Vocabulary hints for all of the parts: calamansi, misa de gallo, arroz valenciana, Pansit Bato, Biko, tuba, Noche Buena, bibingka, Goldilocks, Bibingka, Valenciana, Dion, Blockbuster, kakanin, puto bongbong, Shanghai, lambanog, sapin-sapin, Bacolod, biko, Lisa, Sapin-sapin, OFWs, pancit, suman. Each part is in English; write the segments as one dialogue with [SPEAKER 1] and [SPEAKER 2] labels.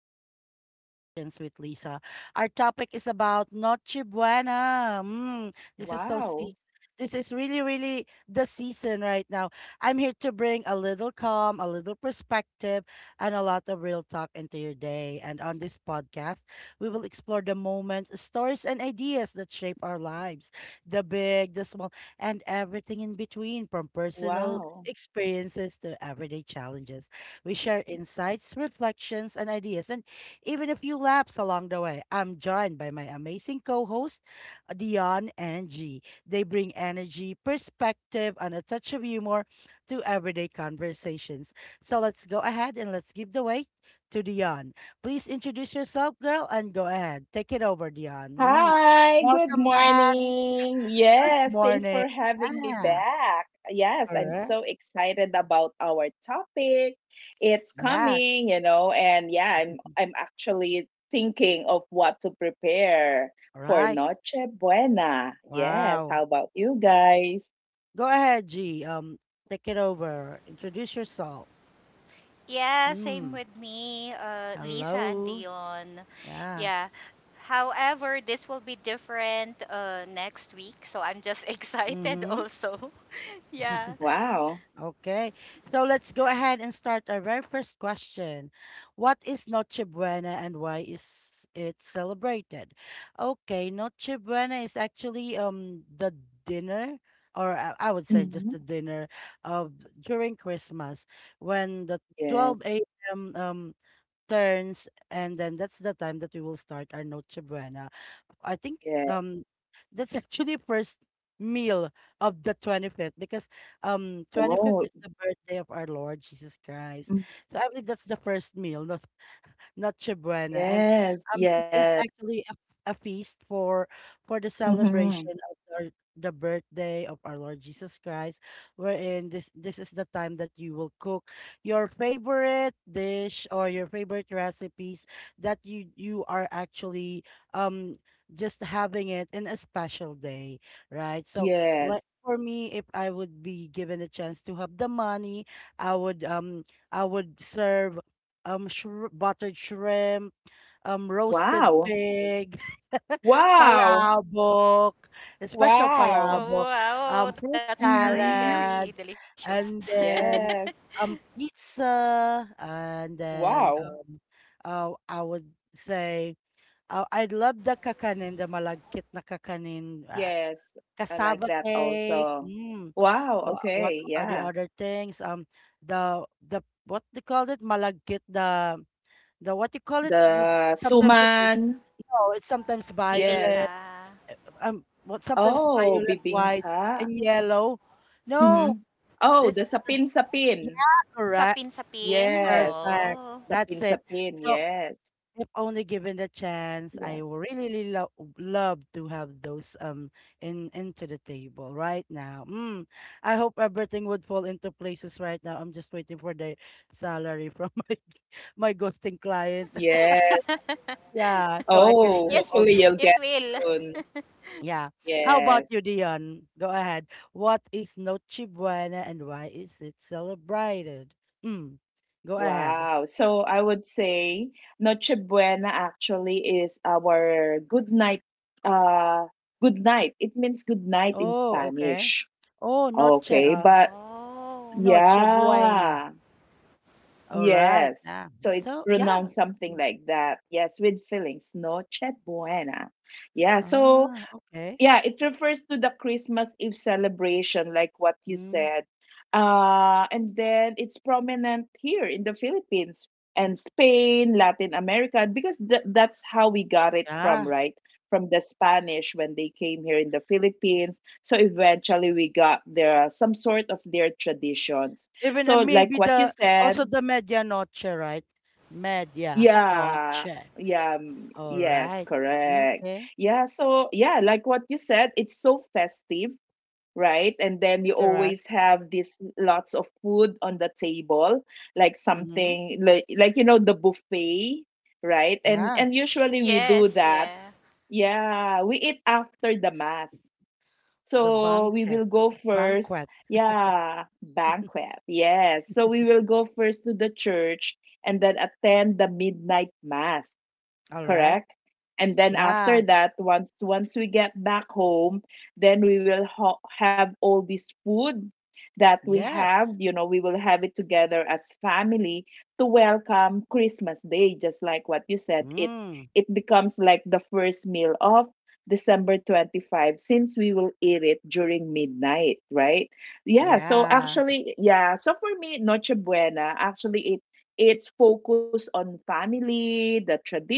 [SPEAKER 1] to Everyday Reflections with Lisa. Our topic is about Noche Buena. This is so seas
[SPEAKER 2] Wow.
[SPEAKER 1] This is really, really the season right now. I'm here to bring a little calm, a little perspective, and a lot of real talk into your day. And on this podcast, we will explore the moments, stories, and ideas that shape our lives, the big, the small, and everything in between, from personal
[SPEAKER 2] Wow.
[SPEAKER 1] experiences to everyday challenges. We share
[SPEAKER 2] Mhm.
[SPEAKER 1] insights, reflections, and ideas, and even a few laps along the way. I'm joined by my amazing co host, Dion and G. They bring energy, perspective, and a touch of humor to everyday conversations. So let's go ahead and let's give the way to Dion. Please introduce yourself, girl, and go ahead. Take it over, Dion. Mm.
[SPEAKER 2] Hi, good
[SPEAKER 1] Welcome back.
[SPEAKER 2] morning.
[SPEAKER 1] Good
[SPEAKER 2] Yes, thanks
[SPEAKER 1] morning.
[SPEAKER 2] for having me
[SPEAKER 1] Yeah,
[SPEAKER 2] back. Yes, I'm
[SPEAKER 1] correct.
[SPEAKER 2] so excited about our topic. It's
[SPEAKER 1] Yes.
[SPEAKER 2] coming, you know, and yeah, I'm I'm actually thinking of what to prepare
[SPEAKER 1] All
[SPEAKER 2] for
[SPEAKER 1] right.
[SPEAKER 2] Noche Buena. Yes,
[SPEAKER 1] Wow.
[SPEAKER 2] how about you guys?
[SPEAKER 1] Go ahead, G. Take it over. Introduce yourself.
[SPEAKER 3] Yeah, same
[SPEAKER 1] Mm.
[SPEAKER 3] with me, Lisa and
[SPEAKER 1] Hello.
[SPEAKER 3] Dion.
[SPEAKER 1] Yeah.
[SPEAKER 3] Yeah. However, this will be different next week, so I'm just excited
[SPEAKER 1] Mm-hmm.
[SPEAKER 3] also. Yeah.
[SPEAKER 2] Wow.
[SPEAKER 1] Okay. So let's go ahead and start our very first question. What is Noche Buena and why is it celebrated? Okay, Noche Buena is actually the dinner, or I would say just
[SPEAKER 2] Mhm.
[SPEAKER 1] the dinner of, during Christmas, when the
[SPEAKER 2] Yes.
[SPEAKER 1] 12 a.m. Turns, and then that's the time that we will start our Noche Buena. I think
[SPEAKER 2] Yes.
[SPEAKER 1] um that's actually first meal of the 25th, because 25th
[SPEAKER 2] Oh,
[SPEAKER 1] is the birthday of our Lord Jesus Christ.
[SPEAKER 2] mhm.
[SPEAKER 1] So I believe that's the first meal, not Noche Buena. And
[SPEAKER 2] Yes.
[SPEAKER 1] This
[SPEAKER 2] Yes.
[SPEAKER 1] is actually a feast for, the
[SPEAKER 2] Hmm.
[SPEAKER 1] celebration of our, the birthday of our Lord Jesus Christ, wherein this is the time that you will cook your favorite dish or your favorite recipes, that you are actually um just having it in a special day, right? So like
[SPEAKER 2] Yes.
[SPEAKER 1] for me, if I would be given a chance to have the money, I would um I would serve shri buttered shrimp, roasted
[SPEAKER 2] Wow.
[SPEAKER 1] pig,
[SPEAKER 2] Wow.
[SPEAKER 1] palabok, a special
[SPEAKER 3] Wow,
[SPEAKER 2] Wow.
[SPEAKER 1] palabok,
[SPEAKER 3] wow, that's
[SPEAKER 1] fruit
[SPEAKER 3] very, very
[SPEAKER 2] Mm-hmm.
[SPEAKER 1] salad,
[SPEAKER 3] delicious.
[SPEAKER 1] and then
[SPEAKER 2] Yes.
[SPEAKER 1] pizza, and then
[SPEAKER 2] Wow.
[SPEAKER 1] I would say I love the kakanin, the malagkit na kakanin,
[SPEAKER 2] Yes. I like
[SPEAKER 1] cassava
[SPEAKER 2] that
[SPEAKER 1] cake.
[SPEAKER 2] also.
[SPEAKER 1] Mm.
[SPEAKER 2] Wow.
[SPEAKER 1] What
[SPEAKER 2] Okay.
[SPEAKER 1] are the
[SPEAKER 2] Yeah.
[SPEAKER 1] other things? The what they call it, malagkit, the what you call it?
[SPEAKER 2] The
[SPEAKER 1] Sometimes it's,
[SPEAKER 2] suman.
[SPEAKER 1] no, it's sometimes
[SPEAKER 3] Bibingka.
[SPEAKER 2] Yes.
[SPEAKER 1] violet. uh, what, sometimes
[SPEAKER 2] Oh,
[SPEAKER 1] violet, white, and
[SPEAKER 2] bibingka.
[SPEAKER 1] yellow. No,
[SPEAKER 2] Mm-hmm. Oh,
[SPEAKER 1] it's,
[SPEAKER 2] the
[SPEAKER 1] it's a-
[SPEAKER 2] sapin-sapin.
[SPEAKER 1] yeah, correct,
[SPEAKER 3] Sapin-sapin.
[SPEAKER 2] Yes.
[SPEAKER 3] Oh.
[SPEAKER 1] perfect. That's it.
[SPEAKER 2] Sapin-sapin.
[SPEAKER 1] So
[SPEAKER 2] Yes.
[SPEAKER 1] if only given the chance,
[SPEAKER 2] Yeah.
[SPEAKER 1] I would really, really love to have those in into the table right now. I hope everything would fall into places right now. I'm just waiting for the salary from my ghosting client.
[SPEAKER 2] Yes.
[SPEAKER 1] Yeah, so I can
[SPEAKER 3] Yes,
[SPEAKER 2] Oh,
[SPEAKER 1] serve all
[SPEAKER 2] hopefully
[SPEAKER 3] it
[SPEAKER 1] those.
[SPEAKER 2] you'll get
[SPEAKER 3] will.
[SPEAKER 2] soon.
[SPEAKER 1] Yeah. How about
[SPEAKER 2] Yes.
[SPEAKER 1] you, Dion? Go ahead. What is Noche Buena and why is it celebrated? Mm. Go ahead.
[SPEAKER 2] Wow. So I would say Noche Buena actually is our good night. Uh, good night. It means good night in
[SPEAKER 1] Oh, okay.
[SPEAKER 2] Spanish.
[SPEAKER 1] Oh,
[SPEAKER 2] Okay, but
[SPEAKER 3] Oh,
[SPEAKER 1] Noche
[SPEAKER 3] okay.
[SPEAKER 1] Buena.
[SPEAKER 2] yeah,
[SPEAKER 1] All right.
[SPEAKER 2] yes.
[SPEAKER 1] Yeah.
[SPEAKER 2] So it
[SPEAKER 1] So, yeah.
[SPEAKER 2] pronounced something
[SPEAKER 1] Mm.
[SPEAKER 2] like that. Yes, with feelings. Noche Buena. Yeah. So
[SPEAKER 1] Ah, okay.
[SPEAKER 2] yeah, it refers to the Christmas Eve celebration, like what you
[SPEAKER 1] Mm.
[SPEAKER 2] said. And then it's prominent here in the Philippines and Spain, Latin America, because that's how we got it from,
[SPEAKER 1] Yeah.
[SPEAKER 2] right? From the Spanish when they came here in the Philippines. So eventually we got their some sort of their traditions.
[SPEAKER 1] Even,
[SPEAKER 2] So like
[SPEAKER 1] maybe
[SPEAKER 2] what you
[SPEAKER 1] the,
[SPEAKER 2] said,
[SPEAKER 1] also the media noche, right? Media
[SPEAKER 2] yeah,
[SPEAKER 1] noche.
[SPEAKER 2] yeah, mm,
[SPEAKER 1] All
[SPEAKER 2] yes,
[SPEAKER 1] right. Mm,
[SPEAKER 2] correct.
[SPEAKER 1] okay.
[SPEAKER 2] Yeah, so yeah, like what you said, it's so festive, right? And then you
[SPEAKER 1] Correct.
[SPEAKER 2] always have these lots of food on the table, like
[SPEAKER 1] Mm-hmm.
[SPEAKER 2] something like you know the buffet, right? And
[SPEAKER 1] Yeah.
[SPEAKER 2] usually we do
[SPEAKER 3] Yes, yeah.
[SPEAKER 2] that. Yeah, we eat after the mass.
[SPEAKER 1] The
[SPEAKER 2] So we
[SPEAKER 1] banquet.
[SPEAKER 2] will go first.
[SPEAKER 1] Banquet.
[SPEAKER 2] Yeah, banquet. Yes. So we will go first to the church and then attend the midnight mass,
[SPEAKER 1] All right.
[SPEAKER 2] correct? And then
[SPEAKER 1] Yeah.
[SPEAKER 2] after that, once we get back home, then we will have all this food that we have.
[SPEAKER 1] Yes.
[SPEAKER 2] You know, we will have it together as family to welcome Christmas Day, just like what you said. It
[SPEAKER 1] Mm.
[SPEAKER 2] it becomes like the first meal of December 25 since we will eat it during midnight, right? Yeah, so
[SPEAKER 1] Yeah.
[SPEAKER 2] actually, yeah, so for me, Noche Buena, actually, it's focused on family, the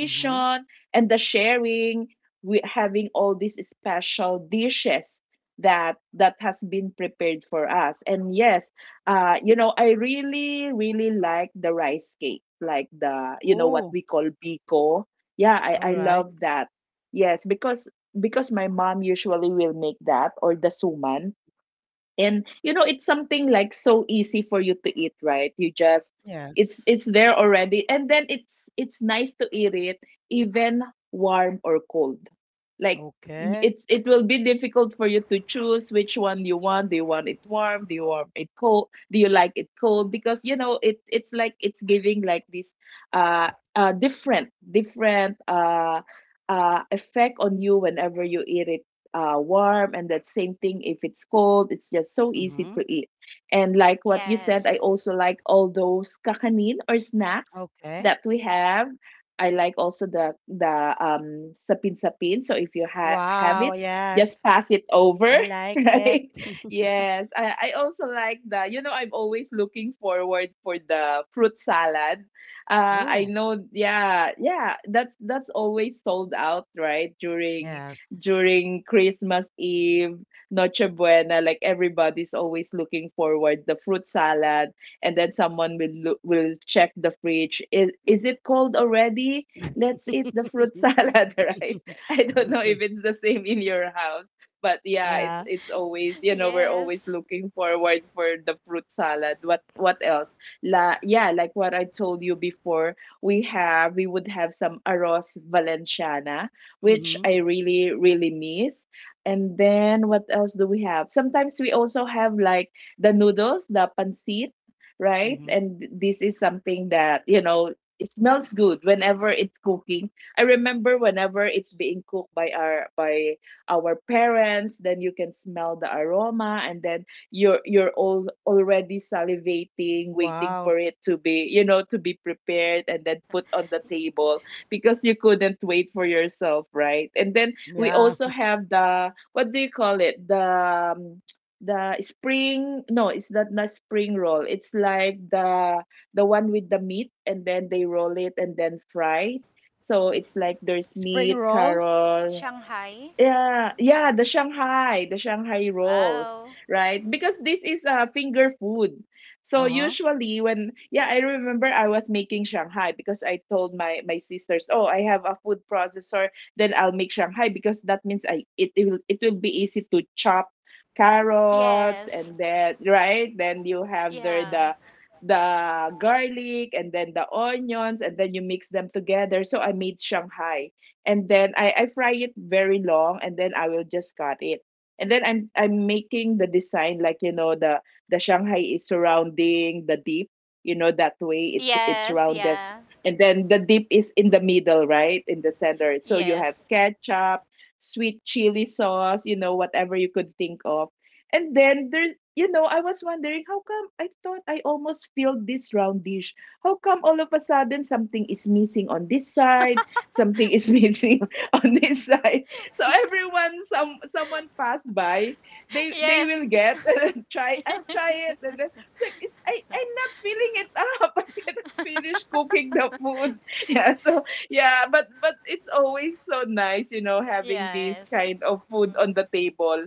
[SPEAKER 1] Mm-hmm.
[SPEAKER 2] and the sharing. We having all these special dishes that has been prepared for us. And yes, you know, I really, really like the rice cake, like the you know what
[SPEAKER 1] Oh,
[SPEAKER 2] we call biko. Yeah, I,
[SPEAKER 1] all
[SPEAKER 2] I
[SPEAKER 1] right.
[SPEAKER 2] love that. Yes, because my mom usually will make that or the suman, and you know it's something like so easy for you to eat, right? You just, it's
[SPEAKER 1] Yes.
[SPEAKER 2] it's there already, and then it's nice to eat it even warm or cold, like
[SPEAKER 1] Okay.
[SPEAKER 2] it's, it will be difficult for you to choose which one you want. Do you want it warm? Do you want it cold? Do you like it cold? Because you know it's like it's giving like this uh different different effect on you whenever you eat it warm, and that same thing if it's cold, it's just so easy
[SPEAKER 1] Mm-hmm.
[SPEAKER 2] to eat. And like what you said,
[SPEAKER 3] Yes.
[SPEAKER 2] I also like all those kakanin or snacks
[SPEAKER 1] Okay.
[SPEAKER 2] that we have. I like also the sapin sapin. So if you have
[SPEAKER 1] Wow.
[SPEAKER 2] it, just
[SPEAKER 1] Yes.
[SPEAKER 2] pass it over
[SPEAKER 1] I like it.
[SPEAKER 2] right? Yes, I also like the, you know, I'm always looking forward for the fruit salad. I
[SPEAKER 1] Oh,
[SPEAKER 2] know, yeah, yeah, that's always sold out, right, during
[SPEAKER 1] yes.
[SPEAKER 2] during Christmas Eve, Noche Buena, like everybody's always looking forward the fruit salad, and then someone will will check the fridge. Is it cold already? Let's eat the fruit salad, right? I don't know if
[SPEAKER 1] Okay.
[SPEAKER 2] it's the same in your house, but yeah, it's
[SPEAKER 1] Yeah.
[SPEAKER 2] it's always, you know, we're
[SPEAKER 3] Yes.
[SPEAKER 2] always looking forward for the fruit salad. What else? La Yeah, like what I told you before, we would have some arroz valenciana, which I
[SPEAKER 1] Mm-hmm.
[SPEAKER 2] really, really miss. And then what else do we have? Sometimes we also have like the noodles, the pancit, right?
[SPEAKER 1] Mm-hmm.
[SPEAKER 2] And this is something that, you know, it smells good whenever it's cooking. I remember whenever it's being cooked by our parents, then you can smell the aroma, and then you're all already salivating, waiting
[SPEAKER 1] Wow.
[SPEAKER 2] for it to be, you know, to be prepared and then put on the table, because you couldn't wait for yourself, right? And then we
[SPEAKER 1] Yeah.
[SPEAKER 2] also have the, what do you call it? Um, the spring, no, it's not spring roll. It's like the one with the meat, and then they roll it and then fry. So it's like there's
[SPEAKER 1] Spring
[SPEAKER 2] meat,
[SPEAKER 1] roll.
[SPEAKER 2] carrot,
[SPEAKER 3] Shanghai.
[SPEAKER 2] yeah, yeah, the Shanghai rolls,
[SPEAKER 3] Wow.
[SPEAKER 2] right? Because this is a finger food. So
[SPEAKER 1] Uh-huh.
[SPEAKER 2] usually when, yeah, I remember I was making Shanghai because I told my sisters, "Oh, I have a food processor, then I'll make Shanghai because that means I, it will, it will be easy to chop carrots
[SPEAKER 3] Yes.
[SPEAKER 2] and then, right? Then you have there
[SPEAKER 3] Yeah.
[SPEAKER 2] the garlic and then the onions, and then you mix them together. So I made Shanghai, and then I fry it very long and then I will just cut it. And then I'm making the design, like you know, the Shanghai is surrounding the deep, you know, that way it's
[SPEAKER 3] Yes,
[SPEAKER 2] rounded.
[SPEAKER 3] yeah.
[SPEAKER 2] And then the dip is in the middle, right? In the center. So you have
[SPEAKER 3] Yes.
[SPEAKER 2] ketchup, sweet chili sauce, you know, whatever you could think of. And then there's, you know, I was wondering how come I thought I almost filled this round dish. How come all of a sudden something is missing on this side? Something is missing on this side. So everyone, someone passed by, they
[SPEAKER 3] Yes.
[SPEAKER 2] will get and try. I'll try it, and then it's like it's, I'm not filling it up. I cannot finish cooking the food. Yeah. So yeah, but it's always so nice, you know, having this
[SPEAKER 3] Yes.
[SPEAKER 2] kind of food on
[SPEAKER 3] Mhm.
[SPEAKER 2] the table,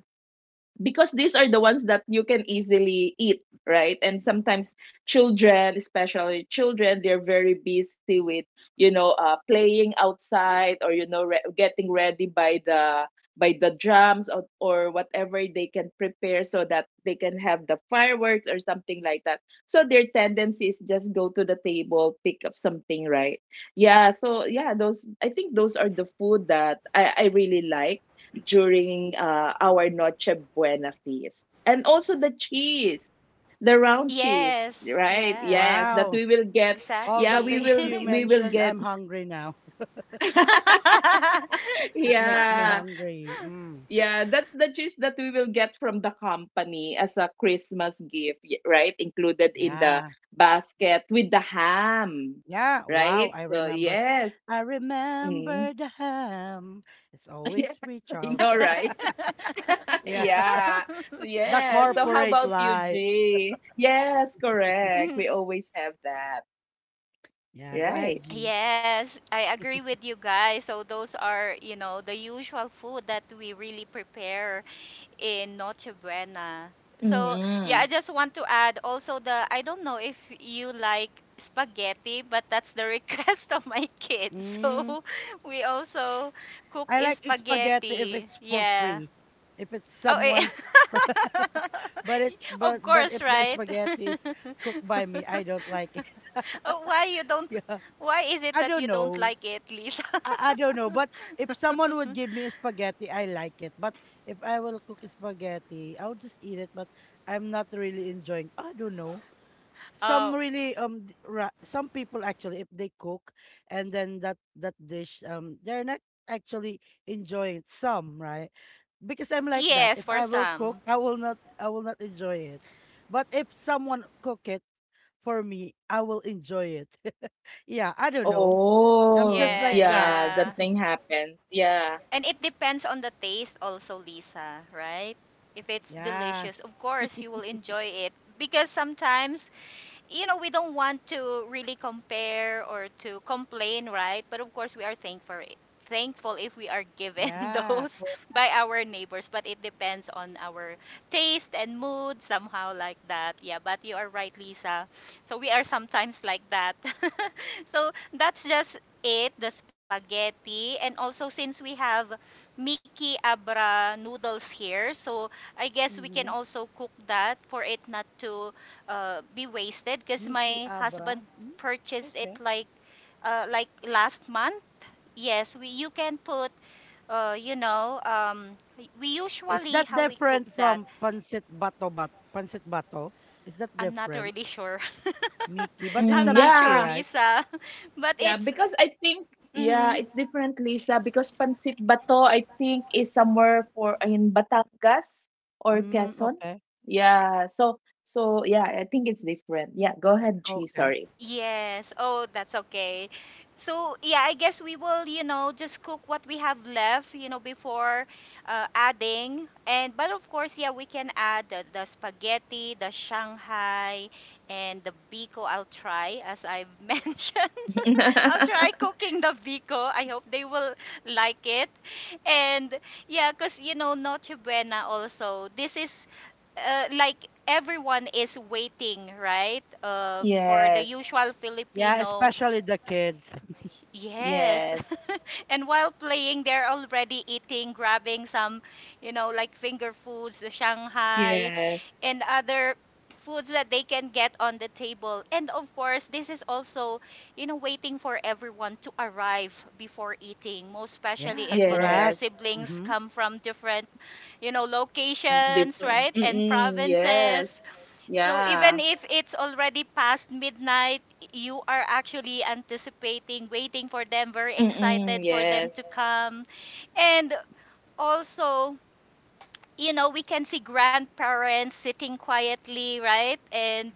[SPEAKER 2] because these are the ones that you can easily eat, right? And sometimes children, especially children, they're very busy with, you know, playing outside, or you know, getting ready by the drums, or, whatever they can prepare so that they can have the fireworks or something like that. So their tendency is just go to the table, pick up something, right? Yeah, so yeah, those, I think those are the food that I really like during our Noche Buena feast. And also the cheese, the round cheese,
[SPEAKER 3] Yes.
[SPEAKER 2] right?
[SPEAKER 3] Yeah.
[SPEAKER 2] Yes, that
[SPEAKER 1] Wow.
[SPEAKER 2] we will get.
[SPEAKER 1] All the
[SPEAKER 2] Yeah, we
[SPEAKER 3] Exactly.
[SPEAKER 1] things
[SPEAKER 2] will
[SPEAKER 1] you
[SPEAKER 2] we will
[SPEAKER 1] mentioned,
[SPEAKER 2] get
[SPEAKER 1] I'm hungry now. It makes me
[SPEAKER 2] yeah.
[SPEAKER 1] hungry. Mm.
[SPEAKER 2] Yeah, that's the cheese that we will get from the company as a Christmas gift, right? Included in the
[SPEAKER 1] Yeah.
[SPEAKER 2] basket with the ham,
[SPEAKER 1] Yeah. Wow.
[SPEAKER 2] right?
[SPEAKER 1] I
[SPEAKER 2] So
[SPEAKER 1] remember.
[SPEAKER 2] yes.
[SPEAKER 1] I
[SPEAKER 2] Mm.
[SPEAKER 1] remember the ham. It's always
[SPEAKER 2] Yes,
[SPEAKER 1] free,
[SPEAKER 2] I
[SPEAKER 1] Charles.
[SPEAKER 2] know, right?
[SPEAKER 1] Yeah.
[SPEAKER 2] Yeah.
[SPEAKER 1] The
[SPEAKER 2] Yeah. So how
[SPEAKER 1] corporate
[SPEAKER 2] about you,
[SPEAKER 1] life.
[SPEAKER 2] G? Yes, correct.
[SPEAKER 3] Mhm.
[SPEAKER 2] We always have that.
[SPEAKER 1] Yeah. Go ahead,
[SPEAKER 2] Right.
[SPEAKER 1] G.
[SPEAKER 3] Yes, I agree with you guys. So those are the usual food that we really prepare in Noche Buena. So, yeah,
[SPEAKER 2] Mm-hmm.
[SPEAKER 3] I just want to add also the I don't know if you like spaghetti, but that's the request of my kids.
[SPEAKER 1] Mm.
[SPEAKER 3] So, we also cook
[SPEAKER 1] I like spaghetti if
[SPEAKER 3] spaghetti.
[SPEAKER 1] it's for
[SPEAKER 3] Yeah.
[SPEAKER 1] free. If it's
[SPEAKER 3] Oh, eh.
[SPEAKER 1] someone's but it
[SPEAKER 3] Of
[SPEAKER 1] but if
[SPEAKER 3] course,
[SPEAKER 1] the
[SPEAKER 3] right?
[SPEAKER 1] spaghetti is cooked by me, I don't like it.
[SPEAKER 3] Oh,
[SPEAKER 1] Yeah.
[SPEAKER 3] why is it
[SPEAKER 1] I
[SPEAKER 3] that
[SPEAKER 1] don't
[SPEAKER 3] you don't
[SPEAKER 1] know.
[SPEAKER 3] like it, Lisa?
[SPEAKER 1] I don't know. But if someone would give me spaghetti, I like it. But if I will cook spaghetti, I'll just eat it. But I'm not really enjoying. I don't know. Some
[SPEAKER 3] Oh,
[SPEAKER 1] really d- ra- Some people actually, if they cook, and then that dish, they're not actually enjoying it. Some, right? Because I'm like that.
[SPEAKER 3] yes,
[SPEAKER 1] If
[SPEAKER 3] for
[SPEAKER 1] I will cook,
[SPEAKER 3] some.
[SPEAKER 1] I will not enjoy it. But if someone cook it for me, I will enjoy it. Yeah, I don't know. I'm just
[SPEAKER 2] Oh,
[SPEAKER 3] Yeah,
[SPEAKER 1] like that.
[SPEAKER 2] yeah,
[SPEAKER 3] yeah.
[SPEAKER 2] that thing happens. Yeah.
[SPEAKER 3] And it depends on the taste also, Lisa, right? If it's
[SPEAKER 1] Yeah.
[SPEAKER 3] delicious, of course you will enjoy it because sometimes we don't want to really compare or to complain, right? But of course, we are thankful if we are given
[SPEAKER 1] Yeah.
[SPEAKER 3] those by our neighbors, but it depends on our taste and mood, somehow like that. Yeah, but you are right, Lisa. So we are sometimes like that. So that's just it, the spaghetti. And also since we have Miki Abra noodles here, so I guess we can
[SPEAKER 1] Mm-hmm.
[SPEAKER 3] also cook that for it not to be wasted because
[SPEAKER 1] Miki
[SPEAKER 3] my
[SPEAKER 1] Abra.
[SPEAKER 3] husband
[SPEAKER 1] Mm,
[SPEAKER 3] purchased it
[SPEAKER 1] okay.
[SPEAKER 3] like last month. Yes, we you can put, uh, you know um, we
[SPEAKER 1] Is
[SPEAKER 3] usually
[SPEAKER 1] that
[SPEAKER 3] how we cook
[SPEAKER 1] different
[SPEAKER 3] that.
[SPEAKER 1] from pancit bato? Is that
[SPEAKER 3] I'm not
[SPEAKER 1] different?
[SPEAKER 3] really sure.
[SPEAKER 1] Miki, but it's
[SPEAKER 3] I'm
[SPEAKER 2] Mm,
[SPEAKER 1] a
[SPEAKER 3] not
[SPEAKER 1] Miki,
[SPEAKER 3] sure,
[SPEAKER 2] yeah.
[SPEAKER 1] right?
[SPEAKER 3] Lisa, but
[SPEAKER 2] Yeah,
[SPEAKER 3] it's.
[SPEAKER 2] because I think, yeah, it's
[SPEAKER 3] Mm-hmm.
[SPEAKER 2] different, Lisa, because Pansit Bato I think is somewhere for in Batangas or
[SPEAKER 1] Mm,
[SPEAKER 2] Quezon.
[SPEAKER 1] okay.
[SPEAKER 2] Yeah. So so yeah, I think it's different. Yeah, go ahead, G,
[SPEAKER 1] Okay.
[SPEAKER 2] sorry.
[SPEAKER 3] Yes. Oh, that's okay. So, yeah, I guess we will just cook what we have left before adding. And but of course, yeah, we can add the spaghetti, the Shanghai, and the Biko. I'll try, as I've mentioned. I'll try cooking the Biko. I hope they will like it. And yeah, because Noche Buena also. This is like everyone is waiting, right? For the
[SPEAKER 2] Yes.
[SPEAKER 3] usual
[SPEAKER 1] Yeah,
[SPEAKER 3] Filipino.
[SPEAKER 1] especially the kids.
[SPEAKER 3] Yes.
[SPEAKER 2] Yes,
[SPEAKER 3] And while playing, they're already eating, grabbing some like finger foods, the Shanghai,
[SPEAKER 2] yes,
[SPEAKER 3] and other foods that they can get on the table. And of course, this is also waiting for everyone to arrive before eating, most especially
[SPEAKER 1] Yeah,
[SPEAKER 3] if your
[SPEAKER 1] correct.
[SPEAKER 2] yes.
[SPEAKER 3] siblings
[SPEAKER 1] Mm-hmm.
[SPEAKER 3] come from different
[SPEAKER 2] Mm,
[SPEAKER 3] locations,
[SPEAKER 2] different.
[SPEAKER 3] right? And
[SPEAKER 2] Mm-mm,
[SPEAKER 3] provinces.
[SPEAKER 2] yes.
[SPEAKER 3] So
[SPEAKER 2] Yeah.
[SPEAKER 3] even if it's already past midnight, you are actually anticipating, waiting for them, very excited
[SPEAKER 2] Mm-mm,
[SPEAKER 3] for them
[SPEAKER 2] yes.
[SPEAKER 3] to come. And also we can see grandparents sitting quietly, right? And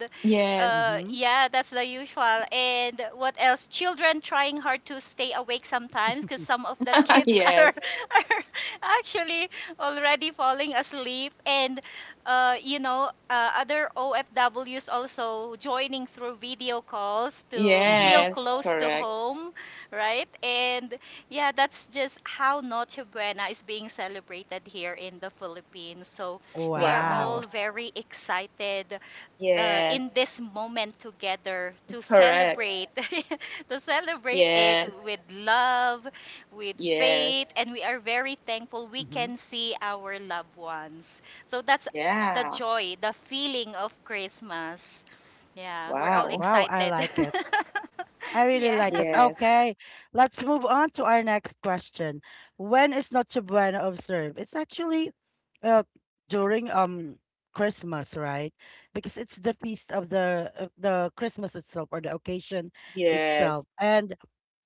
[SPEAKER 3] uh,
[SPEAKER 2] Yes.
[SPEAKER 1] Mm-hmm.
[SPEAKER 3] yeah, that's the usual. And what else? Children trying hard to stay awake sometimes because some of the kids are,
[SPEAKER 2] Yes.
[SPEAKER 3] are actually already falling asleep. And other OFWs also joining through video calls to
[SPEAKER 1] Mm-hmm.
[SPEAKER 3] feel
[SPEAKER 2] Yes.
[SPEAKER 3] close to
[SPEAKER 2] Correct.
[SPEAKER 3] home, right? And yeah, that's just how Noche Buena is being celebrated here in the Philippines. So we are
[SPEAKER 1] Wow.
[SPEAKER 3] all
[SPEAKER 2] Wow.
[SPEAKER 3] very excited in
[SPEAKER 2] Yes.
[SPEAKER 3] this moment together to
[SPEAKER 2] Correct.
[SPEAKER 3] celebrate, to celebrate it
[SPEAKER 2] Yes.
[SPEAKER 3] with love, with faith,
[SPEAKER 2] Yes.
[SPEAKER 3] and we are very thankful we
[SPEAKER 1] hmm
[SPEAKER 3] can see our loved ones. So that's the
[SPEAKER 2] Yeah.
[SPEAKER 3] joy, the feeling of Christmas. Yeah, we're all
[SPEAKER 2] Wow.
[SPEAKER 1] Wow, I
[SPEAKER 3] excited.
[SPEAKER 1] like it. I really
[SPEAKER 3] Yeah.
[SPEAKER 1] like it.
[SPEAKER 2] Yes.
[SPEAKER 1] Okay, let's move on to our next question. When is Noche Buena observed? It's actually uh, during Christmas, right? Because it's the feast of the Christmas itself, or the occasion itself.
[SPEAKER 2] Yes.
[SPEAKER 1] And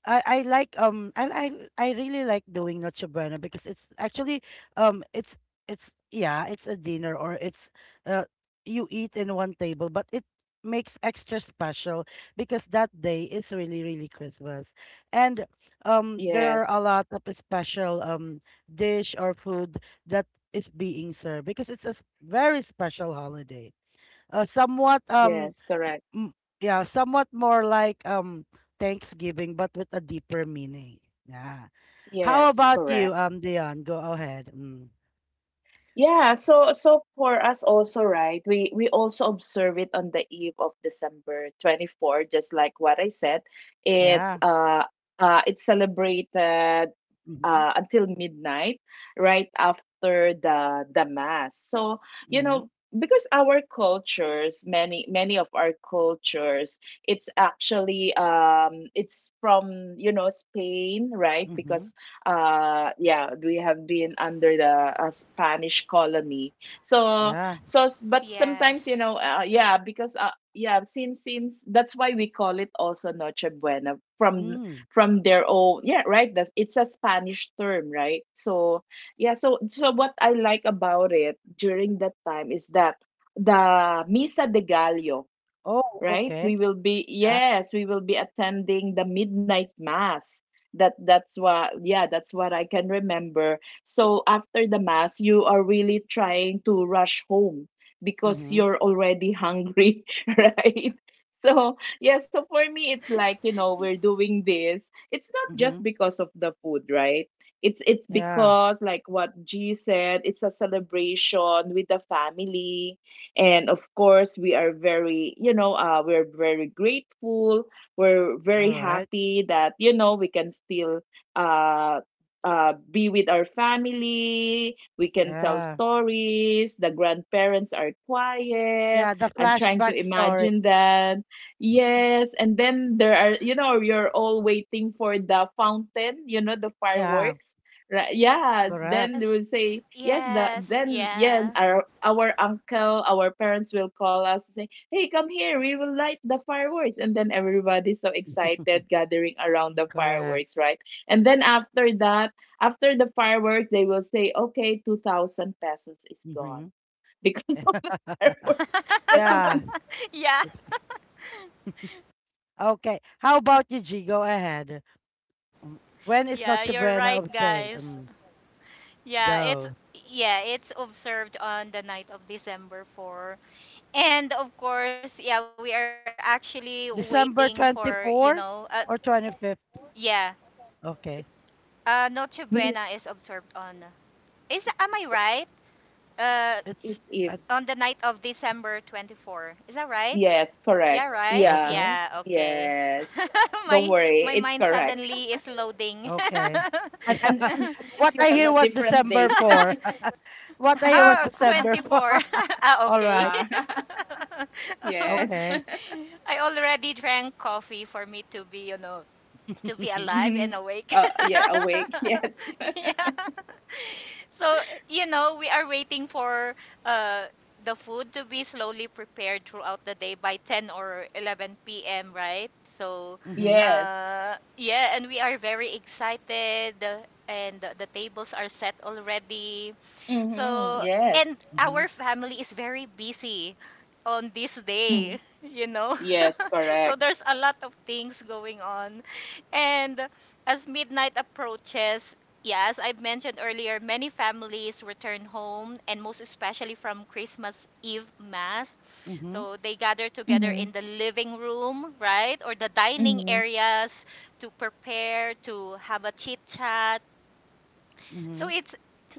[SPEAKER 1] I, I like um I I I really like doing Noche Buena, because it's actually um it's it's a dinner, or it's, uh you eat in one table, but it makes extra special, because that day is really, really Christmas, and
[SPEAKER 2] Yes.
[SPEAKER 1] there are a lot of special, dish or food that is being served, because it's a very special holiday, somewhat.
[SPEAKER 2] Yes.
[SPEAKER 1] um
[SPEAKER 2] Correct.
[SPEAKER 1] Mm, yeah, somewhat more like Thanksgiving, but with a deeper meaning. Yeah. How
[SPEAKER 2] Yes.
[SPEAKER 1] about you,
[SPEAKER 2] Correct.
[SPEAKER 1] Dion? Go ahead. Mm.
[SPEAKER 2] Yeah, so so for us also, right? We also observe it on the eve of December 24th, just like what I said. It's
[SPEAKER 1] Yeah.
[SPEAKER 2] uh uh it's celebrated
[SPEAKER 1] Mm-hmm.
[SPEAKER 2] until midnight, right after the mass. So, you
[SPEAKER 1] Mm-hmm.
[SPEAKER 2] know, because our cultures, many of our cultures, it's actually it's from, you know, Spain, right?
[SPEAKER 1] Mm-hmm.
[SPEAKER 2] Because yeah, we have been under the spanish colony. So
[SPEAKER 1] Yeah.
[SPEAKER 2] so but
[SPEAKER 3] Yes.
[SPEAKER 2] sometimes, you know, yeah, because yeah, since that's why we call it also noche buena from
[SPEAKER 1] Mm.
[SPEAKER 2] their own, yeah, right, that's, it's a spanish term, right? So yeah, so so what I like about it during that time is that the misa de gallo,
[SPEAKER 1] Oh,
[SPEAKER 2] right?
[SPEAKER 1] okay.
[SPEAKER 2] We will be,
[SPEAKER 1] Yeah.
[SPEAKER 2] yes, we will be attending the midnight mass. That's what, yeah, that's what I can remember. So after the mass, you are really trying to rush home because
[SPEAKER 1] Mm-hmm.
[SPEAKER 2] you're already hungry, right? So yeah, so for me it's like, you know, we're doing this. It's not just
[SPEAKER 1] Mm-hmm.
[SPEAKER 2] because of the food, right? It's
[SPEAKER 1] Yeah.
[SPEAKER 2] because like what G said, it's a celebration with the family, and of course we are very, you know, we're very grateful, we're
[SPEAKER 1] All
[SPEAKER 2] very
[SPEAKER 1] right.
[SPEAKER 2] happy that, you know, we can still uh, be with our family. We can tell
[SPEAKER 1] Yeah.
[SPEAKER 2] stories, the grandparents are quiet.
[SPEAKER 1] Yeah. The
[SPEAKER 2] I'm trying to
[SPEAKER 1] flashback story.
[SPEAKER 2] imagine that. Yes, and then there are, you know, you're all waiting for the fountain, you know, the
[SPEAKER 1] Yeah.
[SPEAKER 2] fireworks. Right. Yeah.
[SPEAKER 1] Correct.
[SPEAKER 2] Then
[SPEAKER 3] Yes,
[SPEAKER 2] they will say, yes,
[SPEAKER 3] yes,
[SPEAKER 2] the then
[SPEAKER 3] yeah.
[SPEAKER 2] yeah, our uncle, our parents will call us and say, "Hey, come here, we will light the fireworks." And then everybody's so excited gathering around the
[SPEAKER 1] Correct.
[SPEAKER 2] fireworks, right? And then after that, after the fireworks, they will say, Okay, 2,000 pesos is gone
[SPEAKER 1] Mm-hmm.
[SPEAKER 2] because of the fireworks. Just
[SPEAKER 1] Yeah.
[SPEAKER 2] one
[SPEAKER 3] Yeah,
[SPEAKER 1] It's okay. How about you, G? Go ahead. When is
[SPEAKER 3] yeah,
[SPEAKER 1] Noche
[SPEAKER 3] you're
[SPEAKER 1] Buena
[SPEAKER 3] right,
[SPEAKER 1] observed?
[SPEAKER 3] guys. Yeah, it's
[SPEAKER 1] Go.
[SPEAKER 3] yeah, it's observed on the night of December 4. And of course, yeah, we are actually waiting
[SPEAKER 1] December
[SPEAKER 3] for,
[SPEAKER 1] 24 or 25th?
[SPEAKER 3] yeah.
[SPEAKER 1] Okay.
[SPEAKER 3] Noche Buena is
[SPEAKER 2] minute.
[SPEAKER 3] observed on. Is am I
[SPEAKER 2] Right?
[SPEAKER 3] right? Uh
[SPEAKER 1] It's
[SPEAKER 2] It's
[SPEAKER 3] on
[SPEAKER 2] Eve.
[SPEAKER 1] at,
[SPEAKER 3] the night of December 24. Is that right?
[SPEAKER 2] Yes,
[SPEAKER 3] Yeah,
[SPEAKER 2] correct.
[SPEAKER 3] right?
[SPEAKER 2] Yeah.
[SPEAKER 1] okay.
[SPEAKER 3] Yeah, okay.
[SPEAKER 2] Yes.
[SPEAKER 3] my
[SPEAKER 2] Don't worry,
[SPEAKER 3] my mind
[SPEAKER 2] it's correct.
[SPEAKER 3] suddenly is loading.
[SPEAKER 1] Okay.
[SPEAKER 2] And, and, and unless you
[SPEAKER 1] What I
[SPEAKER 2] have a
[SPEAKER 1] hear was
[SPEAKER 2] different date.
[SPEAKER 1] December 4. What I hear was
[SPEAKER 3] Oh,
[SPEAKER 1] December 4.
[SPEAKER 3] 24. Ah,
[SPEAKER 1] All
[SPEAKER 3] okay.
[SPEAKER 1] right.
[SPEAKER 2] uh, yes.
[SPEAKER 1] Okay.
[SPEAKER 3] I already drank coffee for me to be alive
[SPEAKER 2] Hmm.
[SPEAKER 3] and awake.
[SPEAKER 2] Yeah, awake. Yes.
[SPEAKER 3] so we are waiting for uh, the food to be slowly prepared throughout the day by 10 or 11 p.m., right? So,
[SPEAKER 1] Mm-hmm.
[SPEAKER 2] Yes.
[SPEAKER 3] uh, yeah, and we are very excited and the tables are set already.
[SPEAKER 2] Mm-hmm.
[SPEAKER 3] So,
[SPEAKER 2] Yes.
[SPEAKER 3] and
[SPEAKER 1] Mm-hmm.
[SPEAKER 3] our family is very busy on this day,
[SPEAKER 2] Mm.
[SPEAKER 3] you know.
[SPEAKER 2] Yes,
[SPEAKER 3] So
[SPEAKER 2] correct.
[SPEAKER 3] there's a lot of things going on. And as midnight approaches, yeah, as I've mentioned earlier, many families return home and most especially from Christmas Eve mass.
[SPEAKER 1] Mm-hmm.
[SPEAKER 3] So they gather
[SPEAKER 2] Mm-hmm.
[SPEAKER 3] together in the living room, right? Or the dining
[SPEAKER 2] Mm-hmm.
[SPEAKER 3] areas to prepare, to have a chit chat, so
[SPEAKER 1] Mm-hmm.
[SPEAKER 3] it's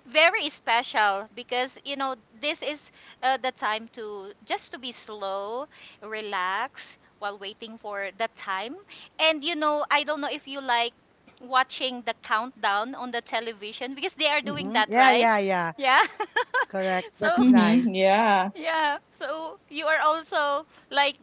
[SPEAKER 3] very special because this is the time to just to be slow, relax while waiting for the time. And I don't know if you like watching the countdown on the television because they are doing
[SPEAKER 1] Mm-hmm.
[SPEAKER 3] that,
[SPEAKER 1] Yeah,
[SPEAKER 3] right?
[SPEAKER 1] yeah, yeah.
[SPEAKER 3] Yeah.
[SPEAKER 1] Correct. That's
[SPEAKER 3] So
[SPEAKER 1] nice.
[SPEAKER 2] Mm-hmm. Yeah.
[SPEAKER 3] yeah, so you are also like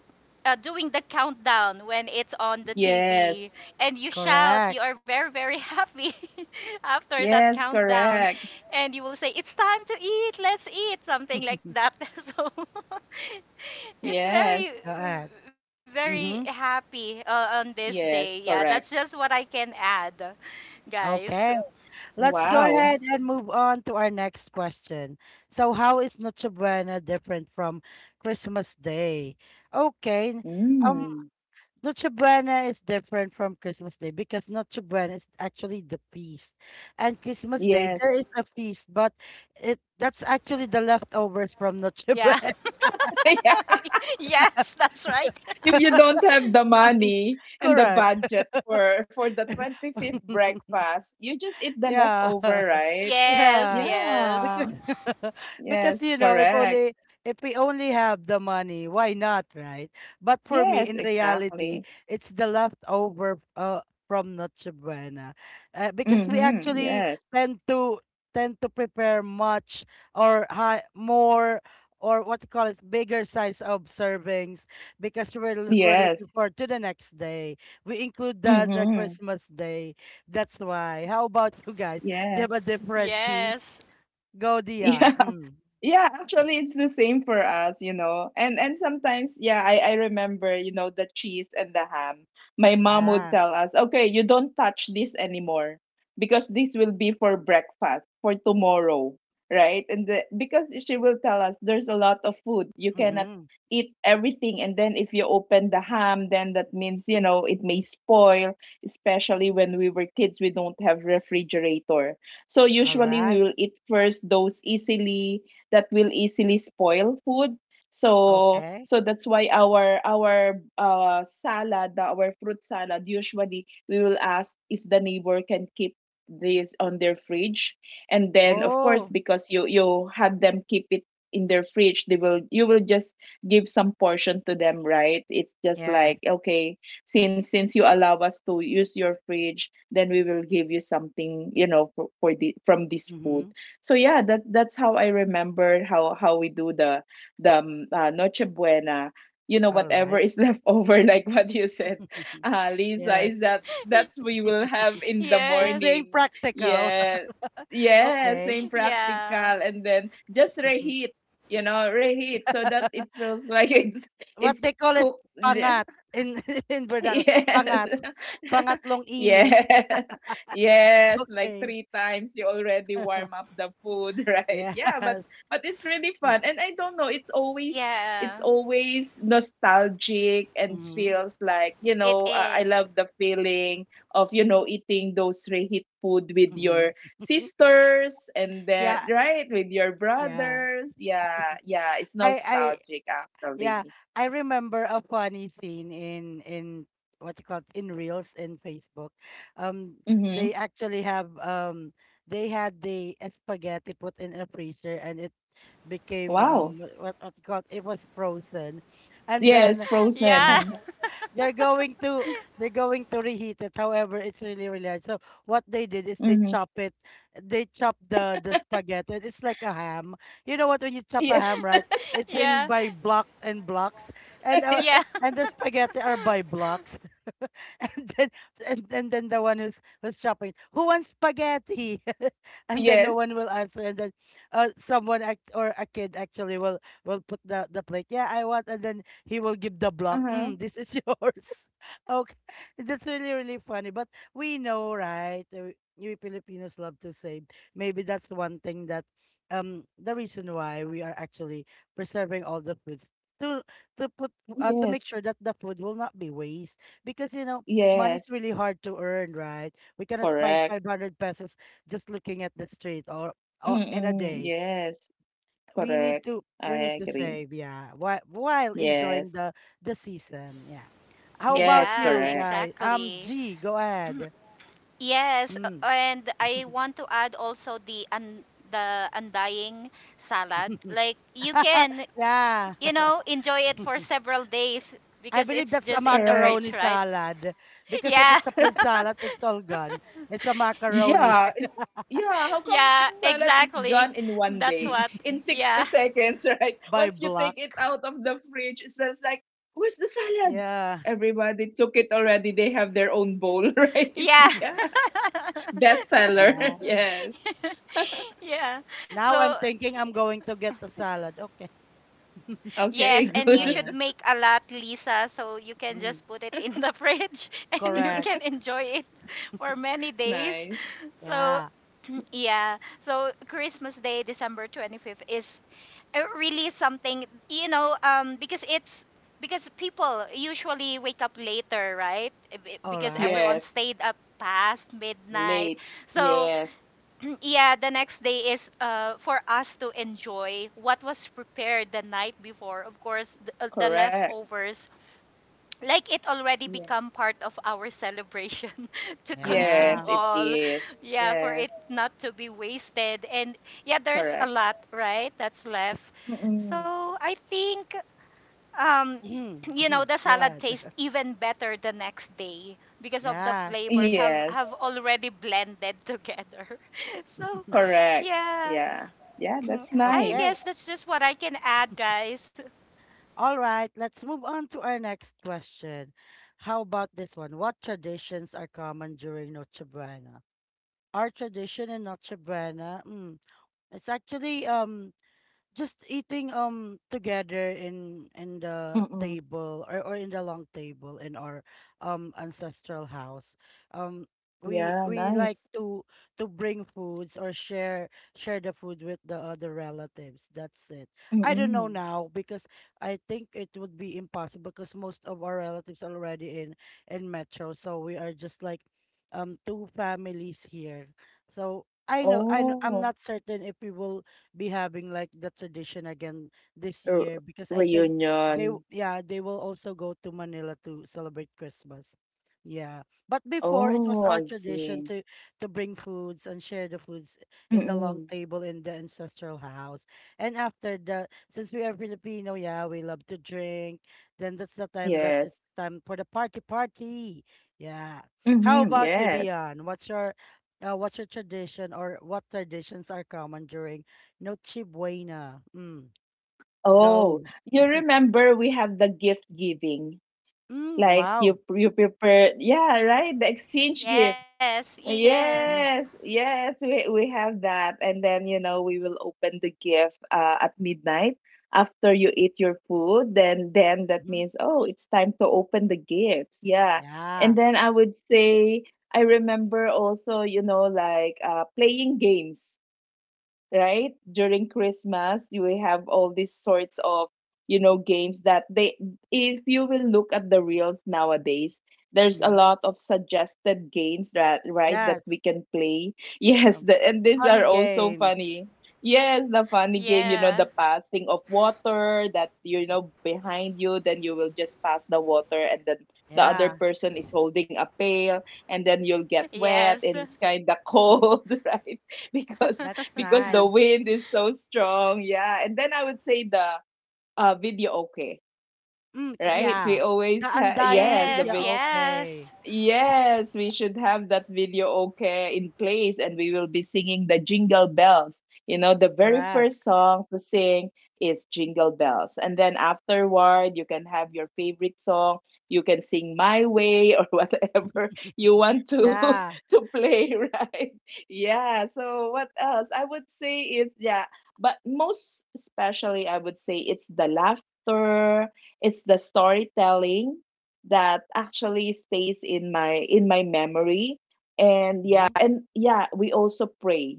[SPEAKER 3] doing the countdown when it's on the TV
[SPEAKER 2] Yes.
[SPEAKER 3] and you shout,
[SPEAKER 1] Correct.
[SPEAKER 3] you are very, very happy after that
[SPEAKER 2] Yes,
[SPEAKER 3] countdown.
[SPEAKER 2] correct.
[SPEAKER 3] And you will say, "It's time to eat, let's eat," something like
[SPEAKER 1] Go
[SPEAKER 3] that. So it's very,
[SPEAKER 2] Yes.
[SPEAKER 1] ahead.
[SPEAKER 3] very
[SPEAKER 1] Mm-hmm.
[SPEAKER 3] happy on this day. Yeah,
[SPEAKER 2] Yes,
[SPEAKER 3] that's just
[SPEAKER 2] correct.
[SPEAKER 3] what I can add, guys.
[SPEAKER 1] Okay. Let's go
[SPEAKER 2] Wow.
[SPEAKER 1] ahead and move on to our next question. So, how is Noche Buena different from Christmas Day? Okay. Um,
[SPEAKER 2] Mm.
[SPEAKER 1] Noche Buena is different from Christmas Day, because Noche Buena is actually the feast, and Christmas Day there
[SPEAKER 2] Yes.
[SPEAKER 1] is a feast, but it that's actually the leftovers from Noche
[SPEAKER 3] Yeah,
[SPEAKER 1] Buena.
[SPEAKER 2] Yeah.
[SPEAKER 3] yes, that's right.
[SPEAKER 2] If you don't have the money and the
[SPEAKER 1] Correct.
[SPEAKER 2] budget for the 25th breakfast, you just eat the
[SPEAKER 1] Yeah.
[SPEAKER 2] leftover, right?
[SPEAKER 3] Yes,
[SPEAKER 1] Yeah.
[SPEAKER 2] Yeah.
[SPEAKER 1] Because
[SPEAKER 3] yes,
[SPEAKER 1] because,
[SPEAKER 2] Yes,
[SPEAKER 1] you know,
[SPEAKER 2] correct.
[SPEAKER 1] if we only have the money, why not, right? But for me,
[SPEAKER 2] Yes,
[SPEAKER 1] in reality,
[SPEAKER 2] exactly.
[SPEAKER 1] it's the leftover from Noche Buena. Because we
[SPEAKER 2] Mhm.
[SPEAKER 1] actually
[SPEAKER 2] Yes.
[SPEAKER 1] tend to tend to prepare much, or high more, or what you call it, bigger size of servings, because we're looking
[SPEAKER 2] Yes.
[SPEAKER 1] forward to the next day. We include the,
[SPEAKER 2] Mhm.
[SPEAKER 1] Christmas day, that's why. How about you guys? They have
[SPEAKER 2] Yes.
[SPEAKER 1] a different piece.
[SPEAKER 3] yes.
[SPEAKER 1] Go, Dion.
[SPEAKER 2] Yeah.
[SPEAKER 1] Mm.
[SPEAKER 2] Yeah, actually it's the same for us. And sometimes, yeah, I remember, the cheese and the ham. My mom would
[SPEAKER 1] Yeah.
[SPEAKER 2] tell us, "Okay, you don't touch this anymore because this will be for breakfast for tomorrow." Right? Because she will tell us there's a lot of food. You cannot
[SPEAKER 1] Mm-hmm.
[SPEAKER 2] eat everything, and then if you open the ham, then that means, it may spoil, especially when we were kids. We don't have refrigerator. So
[SPEAKER 1] All
[SPEAKER 2] usually
[SPEAKER 1] right.
[SPEAKER 2] we will eat first those easily that will easily spoil food. So
[SPEAKER 1] Okay.
[SPEAKER 2] so that's why our fruit salad, usually we will ask if the neighbor can keep this on their fridge. And then, of course,
[SPEAKER 1] Oh,
[SPEAKER 2] because you had them keep it in their fridge, they will you will just give some portion to them, right? It's just like,
[SPEAKER 1] yes.
[SPEAKER 2] okay, since you allow us to use your fridge, then we will give you something, for the from this food.
[SPEAKER 1] Mm-hmm.
[SPEAKER 2] So yeah, that's how I remember how we do the Noche Buena.
[SPEAKER 1] All
[SPEAKER 2] Whatever
[SPEAKER 1] right.
[SPEAKER 2] is left over, like what you said, Lisa, is
[SPEAKER 1] Yes.
[SPEAKER 2] that that's we will have in the
[SPEAKER 1] Just
[SPEAKER 3] Yes.
[SPEAKER 1] being
[SPEAKER 2] morning.
[SPEAKER 1] practical.
[SPEAKER 2] Yeah, yeah,
[SPEAKER 1] Okay.
[SPEAKER 2] same
[SPEAKER 3] Yeah.
[SPEAKER 2] practical, and then just
[SPEAKER 1] Mhm.
[SPEAKER 2] reheat. Reheat so that it feels like it's
[SPEAKER 1] What
[SPEAKER 2] it's
[SPEAKER 1] they call it,
[SPEAKER 2] cooked.
[SPEAKER 1] pangat in in Vernacular.
[SPEAKER 2] Yes.
[SPEAKER 1] Pangat. Pangatlong init.
[SPEAKER 2] Yeah. Yes, like
[SPEAKER 1] Okay.
[SPEAKER 2] three times you already warm up the food, right? Yeah, but
[SPEAKER 1] Yes.
[SPEAKER 2] but it's really fun. And I don't know, it's
[SPEAKER 3] Yeah.
[SPEAKER 2] always nostalgic and
[SPEAKER 1] Mm-hmm.
[SPEAKER 2] feels like,
[SPEAKER 3] It
[SPEAKER 2] I
[SPEAKER 3] is.
[SPEAKER 2] love the feeling of, eating those reheat food with
[SPEAKER 1] Mm-hmm.
[SPEAKER 2] your sisters, and
[SPEAKER 1] Yeah.
[SPEAKER 2] then, right, with your
[SPEAKER 1] Yeah.
[SPEAKER 2] brothers. Yeah, yeah, it's
[SPEAKER 1] I
[SPEAKER 2] nostalgic
[SPEAKER 1] Yeah,
[SPEAKER 2] actually.
[SPEAKER 1] I remember a funny scene in what you call it, in Reels in Facebook. Um,
[SPEAKER 2] Mhm.
[SPEAKER 1] they actually have they had the spaghetti put in a freezer, and it became
[SPEAKER 2] Wow.
[SPEAKER 1] what you call it, it was frozen, and
[SPEAKER 2] Yes,
[SPEAKER 1] then
[SPEAKER 3] Yeah.
[SPEAKER 2] Frozen.
[SPEAKER 1] they're going to they're going to reheat it. However, it's really, really hard. So what they did is they
[SPEAKER 2] Mm-hmm.
[SPEAKER 1] chop it. They chop the spaghetti. It's like a ham. You know what? When you chop a
[SPEAKER 2] Yeah.
[SPEAKER 1] ham, right? It's in
[SPEAKER 3] Yeah.
[SPEAKER 1] by block and blocks, and,
[SPEAKER 3] Yeah.
[SPEAKER 1] the spaghetti are by blocks. And then, and then, the one who's chopping, who wants spaghetti? And then no
[SPEAKER 2] Yes.
[SPEAKER 1] one will answer, and then someone or a kid actually will, put the plate, yeah, I want, and then he will give the block.
[SPEAKER 2] Uh-huh.
[SPEAKER 1] Mm, this is yours. Okay. That's really, really funny. But we know, right? We Filipinos love to save. Maybe that's one thing, that the reason why we are actually preserving all the foods, to to put to make
[SPEAKER 2] Yes.
[SPEAKER 1] sure that the food will not be waste, because, you know, money is
[SPEAKER 2] Yes.
[SPEAKER 1] really hard to earn, right? We cannot find
[SPEAKER 2] Correct.
[SPEAKER 1] 500 pesos just looking at the street, or, in a
[SPEAKER 2] Mm-mm.
[SPEAKER 1] day.
[SPEAKER 2] Yes.
[SPEAKER 1] We need
[SPEAKER 2] Correct.
[SPEAKER 1] to,
[SPEAKER 2] I agree.
[SPEAKER 1] save, yeah, while,
[SPEAKER 2] Yes.
[SPEAKER 1] enjoying the season, yeah. How about
[SPEAKER 2] Yes.
[SPEAKER 3] Yeah,
[SPEAKER 1] you
[SPEAKER 2] Correct.
[SPEAKER 1] guys?
[SPEAKER 3] exactly.
[SPEAKER 1] G, go ahead.
[SPEAKER 3] Yes,
[SPEAKER 1] Mm.
[SPEAKER 3] and I want to add also the undying salad. Like you can
[SPEAKER 1] Yeah.
[SPEAKER 3] enjoy it for several days
[SPEAKER 1] I
[SPEAKER 3] because
[SPEAKER 1] believe
[SPEAKER 3] it's
[SPEAKER 1] that's a
[SPEAKER 3] just in the
[SPEAKER 2] Correct.
[SPEAKER 3] fridge,
[SPEAKER 1] macaroni
[SPEAKER 3] right?
[SPEAKER 1] salad, because if
[SPEAKER 3] Yeah.
[SPEAKER 1] it's a fruit salad, it's all gone. It's a macaroni
[SPEAKER 2] Yeah. It's Yeah. How come
[SPEAKER 3] Yeah,
[SPEAKER 2] fruit salad is gone
[SPEAKER 3] exactly.
[SPEAKER 2] in one
[SPEAKER 3] That's
[SPEAKER 2] day?
[SPEAKER 3] what.
[SPEAKER 2] In 60
[SPEAKER 3] Yeah.
[SPEAKER 2] seconds, right?
[SPEAKER 1] by
[SPEAKER 2] Once you
[SPEAKER 1] block.
[SPEAKER 2] take it out of the fridge, it's just like, where's the salad?
[SPEAKER 1] Yeah.
[SPEAKER 2] Everybody took it already. They have their own bowl, right?
[SPEAKER 3] Yeah.
[SPEAKER 2] Yeah. Bestseller.
[SPEAKER 1] Yeah.
[SPEAKER 2] Yes.
[SPEAKER 3] Yeah.
[SPEAKER 1] Now I'm
[SPEAKER 3] So.
[SPEAKER 1] thinking I'm going to get a salad. Okay.
[SPEAKER 2] Okay,
[SPEAKER 3] Yes, and you
[SPEAKER 1] All
[SPEAKER 2] good.
[SPEAKER 3] should
[SPEAKER 1] right.
[SPEAKER 3] make a lot, Lisa, so you can
[SPEAKER 1] Mm.
[SPEAKER 3] just put it in the fridge and you
[SPEAKER 1] Correct.
[SPEAKER 3] can enjoy it for many days.
[SPEAKER 2] Nice.
[SPEAKER 3] So,
[SPEAKER 1] Yeah.
[SPEAKER 3] yeah. So, Christmas Day, December 25th is really something, because people usually wake up later, right? Eh, be-
[SPEAKER 1] All
[SPEAKER 3] Because
[SPEAKER 1] right.
[SPEAKER 3] everyone
[SPEAKER 2] Yes.
[SPEAKER 3] stayed up past midnight.
[SPEAKER 2] Late.
[SPEAKER 3] So,
[SPEAKER 2] Yes.
[SPEAKER 3] yeah, the next day is for us to enjoy what was prepared the night before. Of course, the
[SPEAKER 2] Correct.
[SPEAKER 3] leftovers, like it already
[SPEAKER 2] Yeah.
[SPEAKER 3] become part of our celebration to
[SPEAKER 2] Yes,
[SPEAKER 3] consume
[SPEAKER 1] Yeah.
[SPEAKER 2] it
[SPEAKER 3] all.
[SPEAKER 2] is.
[SPEAKER 3] Yeah, for
[SPEAKER 2] Yes.
[SPEAKER 3] it not to be wasted. And yeah, there's
[SPEAKER 2] Correct.
[SPEAKER 3] a lot, right? That's left.
[SPEAKER 2] Mm-mm.
[SPEAKER 3] So I think, um,
[SPEAKER 1] Mhm. Mhm.
[SPEAKER 3] the
[SPEAKER 1] Go
[SPEAKER 3] salad
[SPEAKER 1] ahead.
[SPEAKER 3] tastes even better the next day because of the
[SPEAKER 1] Yeah.
[SPEAKER 3] flavors have
[SPEAKER 2] Yes.
[SPEAKER 3] have already blended together. So
[SPEAKER 2] Correct. Yeah.
[SPEAKER 3] yeah.
[SPEAKER 2] Yeah, that's nice.
[SPEAKER 3] I
[SPEAKER 1] Okay.
[SPEAKER 3] guess that's just what I can add, guys.
[SPEAKER 1] All right. Let's move on to our next question. How about this one? What traditions are common during Noche Buena? Our tradition in Noche Buena, it's actually just eating together in the
[SPEAKER 2] Mm-mm.
[SPEAKER 1] table or in the long table in our ancestral house. um we
[SPEAKER 2] Yeah,
[SPEAKER 1] we like
[SPEAKER 2] nice.
[SPEAKER 1] to bring foods or share share the food with the other relatives, that's it. I don't know
[SPEAKER 2] Mm-mm.
[SPEAKER 1] now because I think it would be impossible because most of our relatives are already in metro, so we are just like two families here. So I know, I'm
[SPEAKER 2] Oh,
[SPEAKER 1] not certain if we will be having like the tradition again this
[SPEAKER 2] r-
[SPEAKER 1] year because I think
[SPEAKER 2] reunion.
[SPEAKER 1] yeah, they will also go to Manila to celebrate Christmas. Yeah. But before it
[SPEAKER 2] Oh,
[SPEAKER 1] was
[SPEAKER 2] I
[SPEAKER 1] our
[SPEAKER 2] see.
[SPEAKER 1] tradition to bring foods and share the foods in the long
[SPEAKER 2] Mm-mm.
[SPEAKER 1] table in the ancestral house. And after that, since we are Filipino, yeah, we love to drink. Then that's the time that
[SPEAKER 2] Yes.
[SPEAKER 1] it's time for the party party. Yeah. How
[SPEAKER 2] Mm-hmm.
[SPEAKER 1] about you,
[SPEAKER 2] Yes.
[SPEAKER 1] Dion? What's your tradition or what traditions are common during Noche buena?
[SPEAKER 2] Oh,
[SPEAKER 1] Go.
[SPEAKER 2] you remember we have the gift giving.
[SPEAKER 1] Mm,
[SPEAKER 2] Like you
[SPEAKER 1] wow.
[SPEAKER 2] you prepare, yeah, right? The exchange gift.
[SPEAKER 3] Yes, yeah,
[SPEAKER 1] Hmm.
[SPEAKER 2] Yes, yes, we have that. And then, we will open the gift at midnight after you eat your food. Then that
[SPEAKER 1] Hmm.
[SPEAKER 2] means, oh, it's time to open the gifts. Yeah. And
[SPEAKER 1] Yeah.
[SPEAKER 2] then I would say I remember also, like playing games, right? During Christmas, you will have all these sorts of, you know, games that they, if you will look at the reels nowadays, there's a
[SPEAKER 1] Hmm.
[SPEAKER 2] lot of suggested games that, right, that
[SPEAKER 1] Yes.
[SPEAKER 2] we can play. Yes,
[SPEAKER 1] Um,
[SPEAKER 2] and these
[SPEAKER 1] funny
[SPEAKER 2] are also
[SPEAKER 1] games.
[SPEAKER 2] funny. Yes, the funny game,
[SPEAKER 3] yeah,
[SPEAKER 2] the passing of water that,
[SPEAKER 1] Hmm.
[SPEAKER 2] behind you, then you will just pass the water, and then the other
[SPEAKER 1] Yeah,
[SPEAKER 2] person is holding a pail, and then you'll get wet,
[SPEAKER 3] yes.
[SPEAKER 2] and it's kind of cold, right? Because
[SPEAKER 1] that's
[SPEAKER 2] the
[SPEAKER 1] nice.
[SPEAKER 2] wind is so strong. Yeah. And then I would say the video okay, right?
[SPEAKER 1] Yeah.
[SPEAKER 2] We
[SPEAKER 1] The
[SPEAKER 2] always,
[SPEAKER 3] Oh,
[SPEAKER 1] Undying
[SPEAKER 2] yes,
[SPEAKER 3] yes,
[SPEAKER 1] video. Okay.
[SPEAKER 3] yes.
[SPEAKER 2] Yes, we should have that video okay in place, and we will be singing the Jingle Bells. The very
[SPEAKER 1] Correct.
[SPEAKER 2] first song to sing is Jingle Bells. And then afterward, you can have your favorite song. You can sing My Way or whatever you want to
[SPEAKER 1] Yeah.
[SPEAKER 2] to play, right? Yeah, so what else? I would say it's, yeah, but most especially I would say it's the laughter, it's the storytelling that actually stays in my memory. And yeah,
[SPEAKER 1] Hmm.
[SPEAKER 2] we also pray,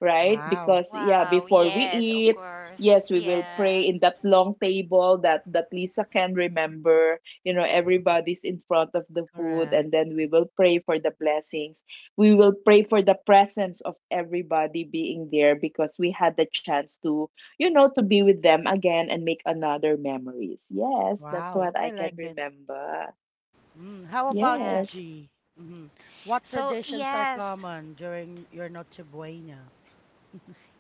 [SPEAKER 2] right?
[SPEAKER 1] Wow.
[SPEAKER 2] Because, yeah,
[SPEAKER 3] Wow,
[SPEAKER 2] before we
[SPEAKER 3] yes, of
[SPEAKER 2] eat,
[SPEAKER 3] course.
[SPEAKER 2] yes, we will pray
[SPEAKER 3] Yeah,
[SPEAKER 2] in that long table that that Lisa can remember. Everybody's in front of the food, and
[SPEAKER 1] Correct.
[SPEAKER 2] then we will pray for the blessings. We will pray for the presence of everybody being there, because we had the chance to you know to be with them again and make another memories. Yes, that's
[SPEAKER 1] Wow,
[SPEAKER 2] what
[SPEAKER 1] I
[SPEAKER 2] I can
[SPEAKER 1] like it.
[SPEAKER 2] remember.
[SPEAKER 1] Mm. How about you,
[SPEAKER 2] Yes,
[SPEAKER 3] yes.
[SPEAKER 1] G? Hmm. What
[SPEAKER 3] So,
[SPEAKER 1] traditions are
[SPEAKER 3] yes.
[SPEAKER 1] common during your Noche Buena?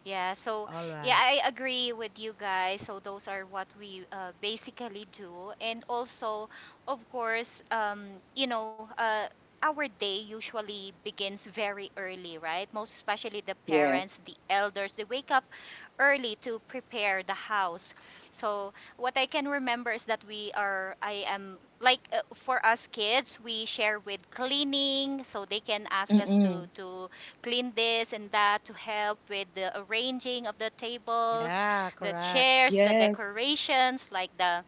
[SPEAKER 3] Yeah, so
[SPEAKER 1] All
[SPEAKER 3] yeah,
[SPEAKER 1] right.
[SPEAKER 3] I agree with you guys. So those are what we basically do, and also, of courseyou know, uh, our day usually begins very early, right? Most especially the
[SPEAKER 2] yes.
[SPEAKER 3] parents, the elders, they wake up early to prepare the house. So what I can remember is that I am like for us kids, we share with cleaning, so they can ask us
[SPEAKER 2] Mm-mm.
[SPEAKER 3] to clean this and that to help with the arranging of the tables,
[SPEAKER 1] Yeah,
[SPEAKER 3] the
[SPEAKER 1] correct.
[SPEAKER 3] chairs, the
[SPEAKER 2] Yes.
[SPEAKER 3] decorations, like the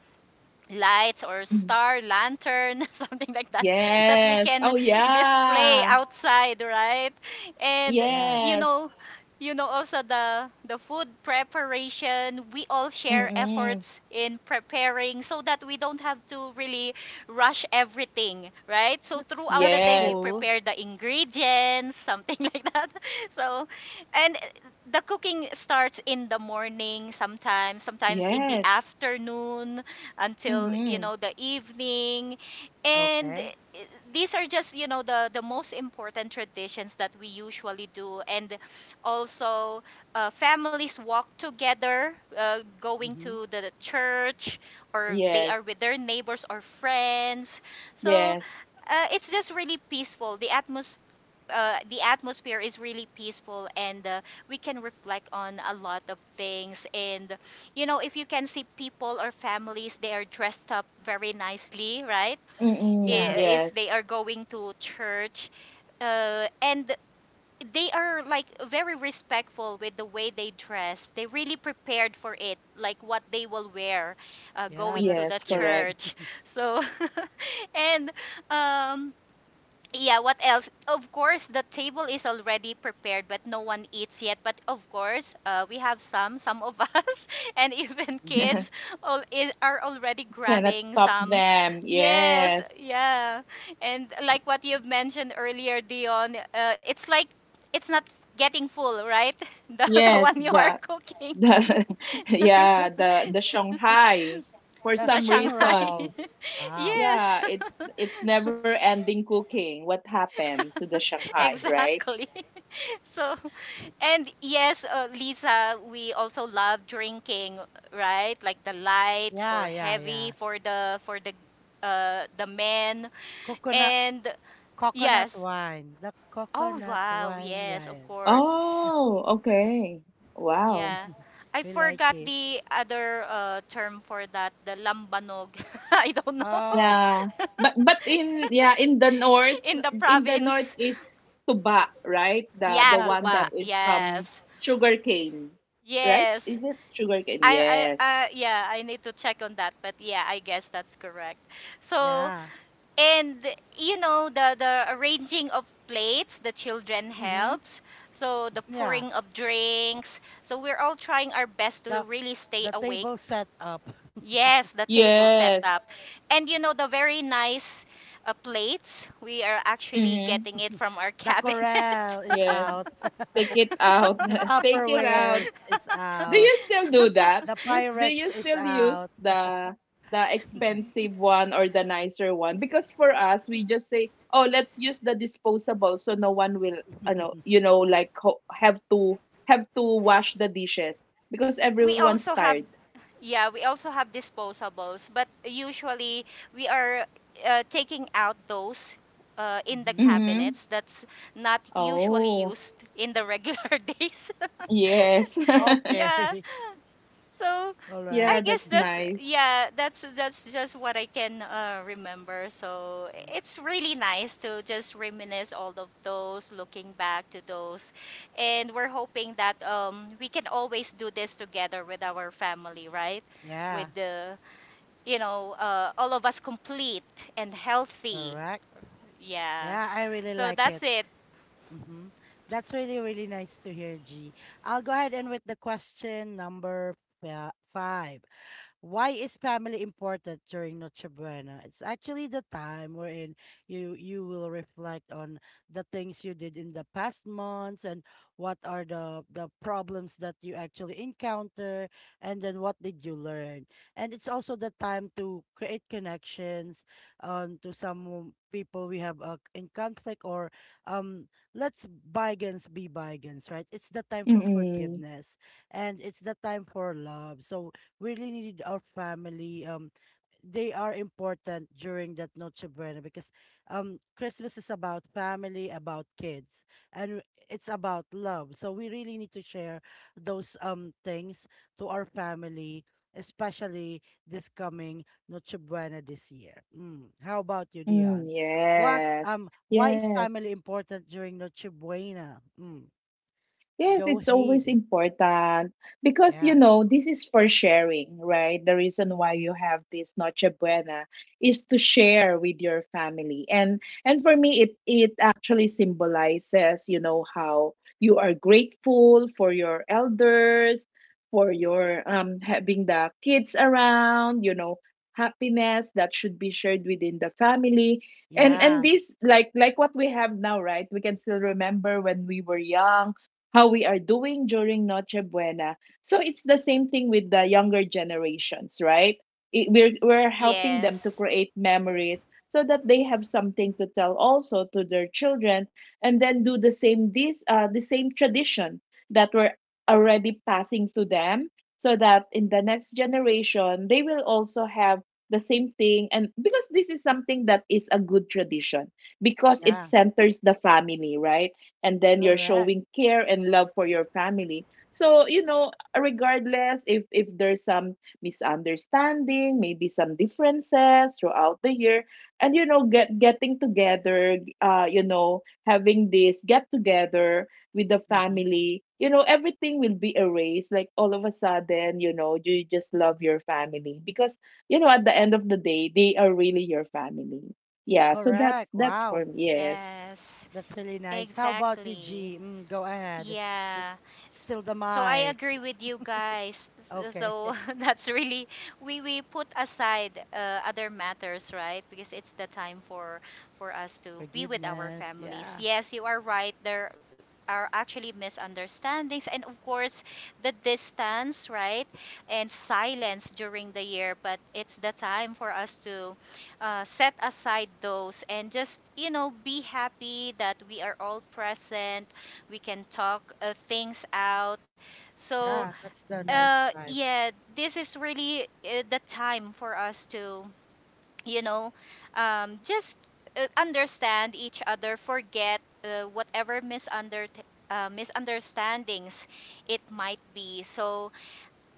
[SPEAKER 3] lights or
[SPEAKER 2] Mm.
[SPEAKER 3] star lantern something like that that we
[SPEAKER 1] Mhm.
[SPEAKER 2] Yes.
[SPEAKER 3] can
[SPEAKER 2] Oh,
[SPEAKER 3] display
[SPEAKER 2] yeah.
[SPEAKER 3] outside, right? And
[SPEAKER 1] Yes.
[SPEAKER 3] you
[SPEAKER 2] Yes.
[SPEAKER 3] know also the food preparation, we all share
[SPEAKER 2] Mm-mm.
[SPEAKER 3] efforts in preparing so that we don't have to really rush everything, right? So throughout the
[SPEAKER 1] That's
[SPEAKER 3] day
[SPEAKER 2] Yes.
[SPEAKER 3] we
[SPEAKER 1] cool.
[SPEAKER 3] prepare the ingredients, something like that. So, and the cooking starts in the morning, sometimes in the
[SPEAKER 2] Yes.
[SPEAKER 3] afternoon until
[SPEAKER 2] Mm-mm.
[SPEAKER 3] the evening. And
[SPEAKER 1] Okay.
[SPEAKER 3] these are just the most important traditions that we usually do. And also families walk together going
[SPEAKER 1] Mm-hmm.
[SPEAKER 3] to the church or they are
[SPEAKER 2] Yes.
[SPEAKER 3] with their neighbors or friends. So
[SPEAKER 2] Yes.
[SPEAKER 3] it's just really peaceful. The atmosphere is really peaceful, and we can reflect on a lot of things. And if you can see people or families, they are dressed up very nicely, right?
[SPEAKER 2] Mm-mm.
[SPEAKER 1] Yeah.
[SPEAKER 3] If
[SPEAKER 2] Yes.
[SPEAKER 3] they are going to church, and they are like very respectful with the way they dress. They really prepared for it, like what they will wear,
[SPEAKER 1] Yeah,
[SPEAKER 3] going to
[SPEAKER 1] that's
[SPEAKER 3] the
[SPEAKER 2] Yes,
[SPEAKER 1] true.
[SPEAKER 2] correct.
[SPEAKER 3] church. So, and um, yeah, what else? Of course, the table is already prepared, but no one eats yet. But of course, we have some of us, and even
[SPEAKER 1] Mm-hmm.
[SPEAKER 3] kids all, are already
[SPEAKER 2] Cannot
[SPEAKER 3] grabbing
[SPEAKER 2] stop
[SPEAKER 3] some.
[SPEAKER 2] them.
[SPEAKER 3] Yes,
[SPEAKER 2] Yes.
[SPEAKER 3] yeah. And like what you've mentioned earlier, Dion, it's like it's not getting full, right? The
[SPEAKER 2] Yes,
[SPEAKER 3] one you are cooking,
[SPEAKER 2] the
[SPEAKER 3] the
[SPEAKER 2] yeah, the Shanghai for
[SPEAKER 1] The
[SPEAKER 2] some
[SPEAKER 1] spring
[SPEAKER 3] Shanghai.
[SPEAKER 2] reason.
[SPEAKER 1] rolls. Wow.
[SPEAKER 3] Yes,
[SPEAKER 2] Yeah, it's never ending cooking. What happened to the Shanghai, right?
[SPEAKER 3] exactly. So. And yes, Lisa, we also love drinking, right? Like the light
[SPEAKER 1] Yeah,
[SPEAKER 3] or
[SPEAKER 1] yeah, yeah.
[SPEAKER 3] heavy for the men.
[SPEAKER 1] Coconut
[SPEAKER 3] And
[SPEAKER 1] coconut
[SPEAKER 3] yes.
[SPEAKER 1] wine. The
[SPEAKER 3] Oh
[SPEAKER 1] coconut
[SPEAKER 3] wow,
[SPEAKER 1] wine. Yeah.
[SPEAKER 3] yes,
[SPEAKER 1] Yeah.
[SPEAKER 3] of course.
[SPEAKER 2] Oh, okay. Wow.
[SPEAKER 3] Yeah. I
[SPEAKER 1] We like
[SPEAKER 3] forgot
[SPEAKER 1] it.
[SPEAKER 3] the other term for that, the lambanog. I don't know.
[SPEAKER 1] Oh,
[SPEAKER 2] Yeah. But in, yeah,
[SPEAKER 3] In the
[SPEAKER 2] in the north
[SPEAKER 3] province.
[SPEAKER 2] is tuba, right? The
[SPEAKER 3] Yeah,
[SPEAKER 2] the
[SPEAKER 1] yeah,
[SPEAKER 2] one
[SPEAKER 3] tuba.
[SPEAKER 2] that
[SPEAKER 1] correct.
[SPEAKER 2] is from
[SPEAKER 3] Yes.
[SPEAKER 2] sugarcane, right?
[SPEAKER 3] Yes.
[SPEAKER 2] Is it sugarcane?
[SPEAKER 3] I
[SPEAKER 2] Yes.
[SPEAKER 3] I yeah, I need to check on that, but yeah, I guess that's correct. So,
[SPEAKER 1] Yeah.
[SPEAKER 3] and you know the arranging of plates, the children
[SPEAKER 1] Mm-hmm.
[SPEAKER 3] helps, so the
[SPEAKER 1] Yeah.
[SPEAKER 3] pouring of drinks, so we're all trying our best to
[SPEAKER 1] The
[SPEAKER 3] really stay
[SPEAKER 1] the
[SPEAKER 3] awake.
[SPEAKER 1] table set up.
[SPEAKER 3] Yes, the table
[SPEAKER 2] Yes.
[SPEAKER 3] setup. And you know the very nice plates, we are actually
[SPEAKER 2] Mm-hmm.
[SPEAKER 3] getting it from our
[SPEAKER 1] The
[SPEAKER 3] cabin.
[SPEAKER 1] corral is
[SPEAKER 2] Yes.
[SPEAKER 1] out.
[SPEAKER 2] Take it out.
[SPEAKER 1] The
[SPEAKER 2] Take it out.
[SPEAKER 1] Tupperwares is
[SPEAKER 2] Do
[SPEAKER 1] out.
[SPEAKER 2] you still do that?
[SPEAKER 1] The
[SPEAKER 2] Yes, do you
[SPEAKER 1] Pyrex is
[SPEAKER 2] still
[SPEAKER 1] out.
[SPEAKER 2] use the expensive one or the nicer one? Because for us, we just say, "Oh, let's use the disposable so no one will, like have to wash the dishes because
[SPEAKER 3] We
[SPEAKER 2] everyone's
[SPEAKER 3] also
[SPEAKER 2] tired."
[SPEAKER 3] have, yeah, we also have disposables, but usually we are taking out those in the
[SPEAKER 1] Hmm.
[SPEAKER 2] Mhm.
[SPEAKER 3] cabinets that's not usually
[SPEAKER 2] Oh,
[SPEAKER 3] used in the regular days.
[SPEAKER 2] yes.
[SPEAKER 3] Yeah,
[SPEAKER 1] Okay.
[SPEAKER 3] so
[SPEAKER 1] All right.
[SPEAKER 2] Yeah,
[SPEAKER 3] I guess
[SPEAKER 2] that's
[SPEAKER 3] that's
[SPEAKER 2] nice.
[SPEAKER 3] yeah, that's just what I can remember. So
[SPEAKER 1] Mm.
[SPEAKER 3] it's really nice to just reminisce all of those, looking back to those, and we're hoping that we can always do this together with our family, right? With
[SPEAKER 1] Yeah,
[SPEAKER 3] the, you know, all of us complete and healthy.
[SPEAKER 1] correct.
[SPEAKER 3] Yeah.
[SPEAKER 1] Yeah, I really
[SPEAKER 3] So
[SPEAKER 1] like
[SPEAKER 3] that's
[SPEAKER 1] it.
[SPEAKER 3] it.
[SPEAKER 1] Hmm. That's really, really nice to hear, G. I'll go ahead and with the question number five. Why is family important during Noche Buena? It's actually the time wherein you you will reflect on the things you did in the past months and what are the problems that you actually encounter, and then what did you learn. And it's also the time to create connections to some people we have in conflict, or let's bygones be bygones, right? It's the time for
[SPEAKER 2] Mm-mm.
[SPEAKER 1] forgiveness and it's the time for love. So really needed our family. They are important during that Noche Buena because Christmas is about family, about kids, and it's about love. So we really need to share those things to our family, especially this coming Noche Buena this year. Mm. How about you,
[SPEAKER 2] Mm,
[SPEAKER 1] Dion? What
[SPEAKER 2] yes.
[SPEAKER 1] why is
[SPEAKER 2] Yes.
[SPEAKER 1] family important during Noche Buena? Mm.
[SPEAKER 2] Yes,
[SPEAKER 1] Go
[SPEAKER 2] it's always
[SPEAKER 1] ahead.
[SPEAKER 2] important because
[SPEAKER 1] Yeah.
[SPEAKER 2] this is for sharing, right? The reason why you have this Noche Buena is to share with your family. And for me, it actually symbolizes, how you are grateful for your elders, for your having the kids around, happiness that should be shared within the family. And
[SPEAKER 1] Yeah.
[SPEAKER 2] this, like what we have now, right? We can still remember when we were young, how we are doing during Noche Buena. So it's the same thing with the younger generations, right? We're helping them
[SPEAKER 3] Yes.
[SPEAKER 2] to create memories so that they have something to tell also to their children, and then do the same tradition that we're already passing to them, so that in the next generation they will also have the same thing. And because this is something that is a good tradition, because it
[SPEAKER 1] Yeah.
[SPEAKER 2] centers the family, right? And then you're
[SPEAKER 1] Correct.
[SPEAKER 2] showing care and love for your family. So, regardless, if there's some misunderstanding, maybe some differences throughout the year, and getting together, having this get together with the
[SPEAKER 1] Mm-hmm.
[SPEAKER 2] family, everything will be erased, like all of a sudden, you just love your family, because, at the end of the day, they are really your family. Yeah, so that's
[SPEAKER 1] Correct.
[SPEAKER 2] that's for
[SPEAKER 1] Wow,
[SPEAKER 2] me. Yes,
[SPEAKER 3] Yes.
[SPEAKER 1] that's really nice. How about you,
[SPEAKER 3] Exactly.
[SPEAKER 1] G? Mm, go ahead. It's
[SPEAKER 3] Yeah. S-
[SPEAKER 1] still the
[SPEAKER 3] So I
[SPEAKER 1] mic.
[SPEAKER 3] agree with you guys. S-
[SPEAKER 1] Okay.
[SPEAKER 3] So that's really, we put aside other matters, right? Because it's the time for us to be with our
[SPEAKER 1] Forgiveness.
[SPEAKER 3] families.
[SPEAKER 1] Yeah.
[SPEAKER 3] Yes, you are right. There are actually misunderstandings, and of course the distance, right? And silence during the year, but it's the time for us to set aside those and just, you know, be happy that we are all present, we can talk things out. So,
[SPEAKER 1] Yeah. That's the nice time.
[SPEAKER 3] yeah, this is really the time for us to, you know, just understand each other, forget whatever misunderstandings it might be. So,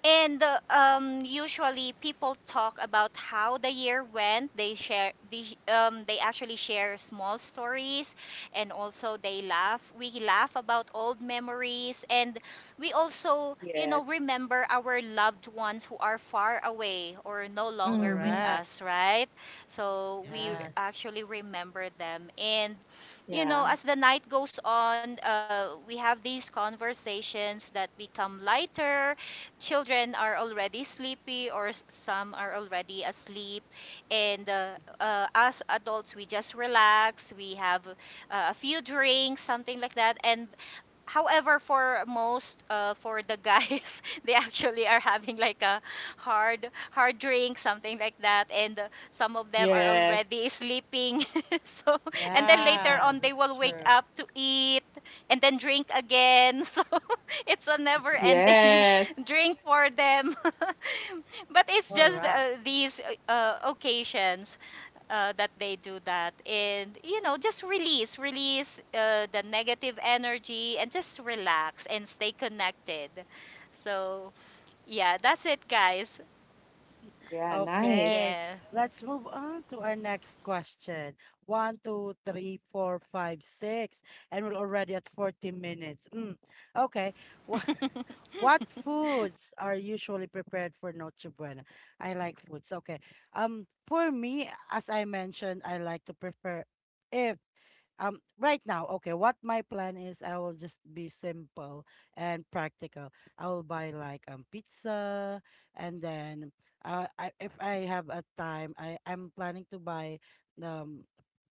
[SPEAKER 3] and usually people talk about how the year went. They share, they actually share small stories, and also they laugh. We laugh about old memories, and we also, you know,
[SPEAKER 2] yes.
[SPEAKER 3] remember our loved ones who are far away or no longer with
[SPEAKER 2] Mhm.
[SPEAKER 1] Correct.
[SPEAKER 3] us, right? So we
[SPEAKER 1] Yes.
[SPEAKER 3] actually remember them, and you know,
[SPEAKER 2] Yeah.
[SPEAKER 3] as the night goes on, we have these conversations that become lighter, children are already sleepy or some are already asleep. And us adults, we just relax, we have a few drinks, something like that. And however, for most for the guys, they actually are having like a hard drink, something like that. And some of them are
[SPEAKER 2] Yes.
[SPEAKER 3] already sleeping. So and then later
[SPEAKER 1] Yeah.
[SPEAKER 3] on they
[SPEAKER 1] That's
[SPEAKER 3] will wake
[SPEAKER 1] true.
[SPEAKER 3] up to eat and then drink again. So it's a never ending
[SPEAKER 2] Yes.
[SPEAKER 3] drink for them. But it's just
[SPEAKER 1] Correct.
[SPEAKER 3] these occasions that they do that. And you know, just release the negative energy and just relax and stay connected. So yeah, that's it, guys.
[SPEAKER 2] Yeah, nice.
[SPEAKER 1] Okay,
[SPEAKER 3] Yeah.
[SPEAKER 1] let's move on to our next question. One, two, three, four, five, six, and we're already at 40 minutes. Mm. Okay, what, what foods are usually prepared for Noche Buena? I like foods. Okay, for me, as I mentioned, I like to prepare. If right now, okay, what my plan is, I will just be simple and practical. I will buy like pizza, and then if I have a time, I'm planning to buy um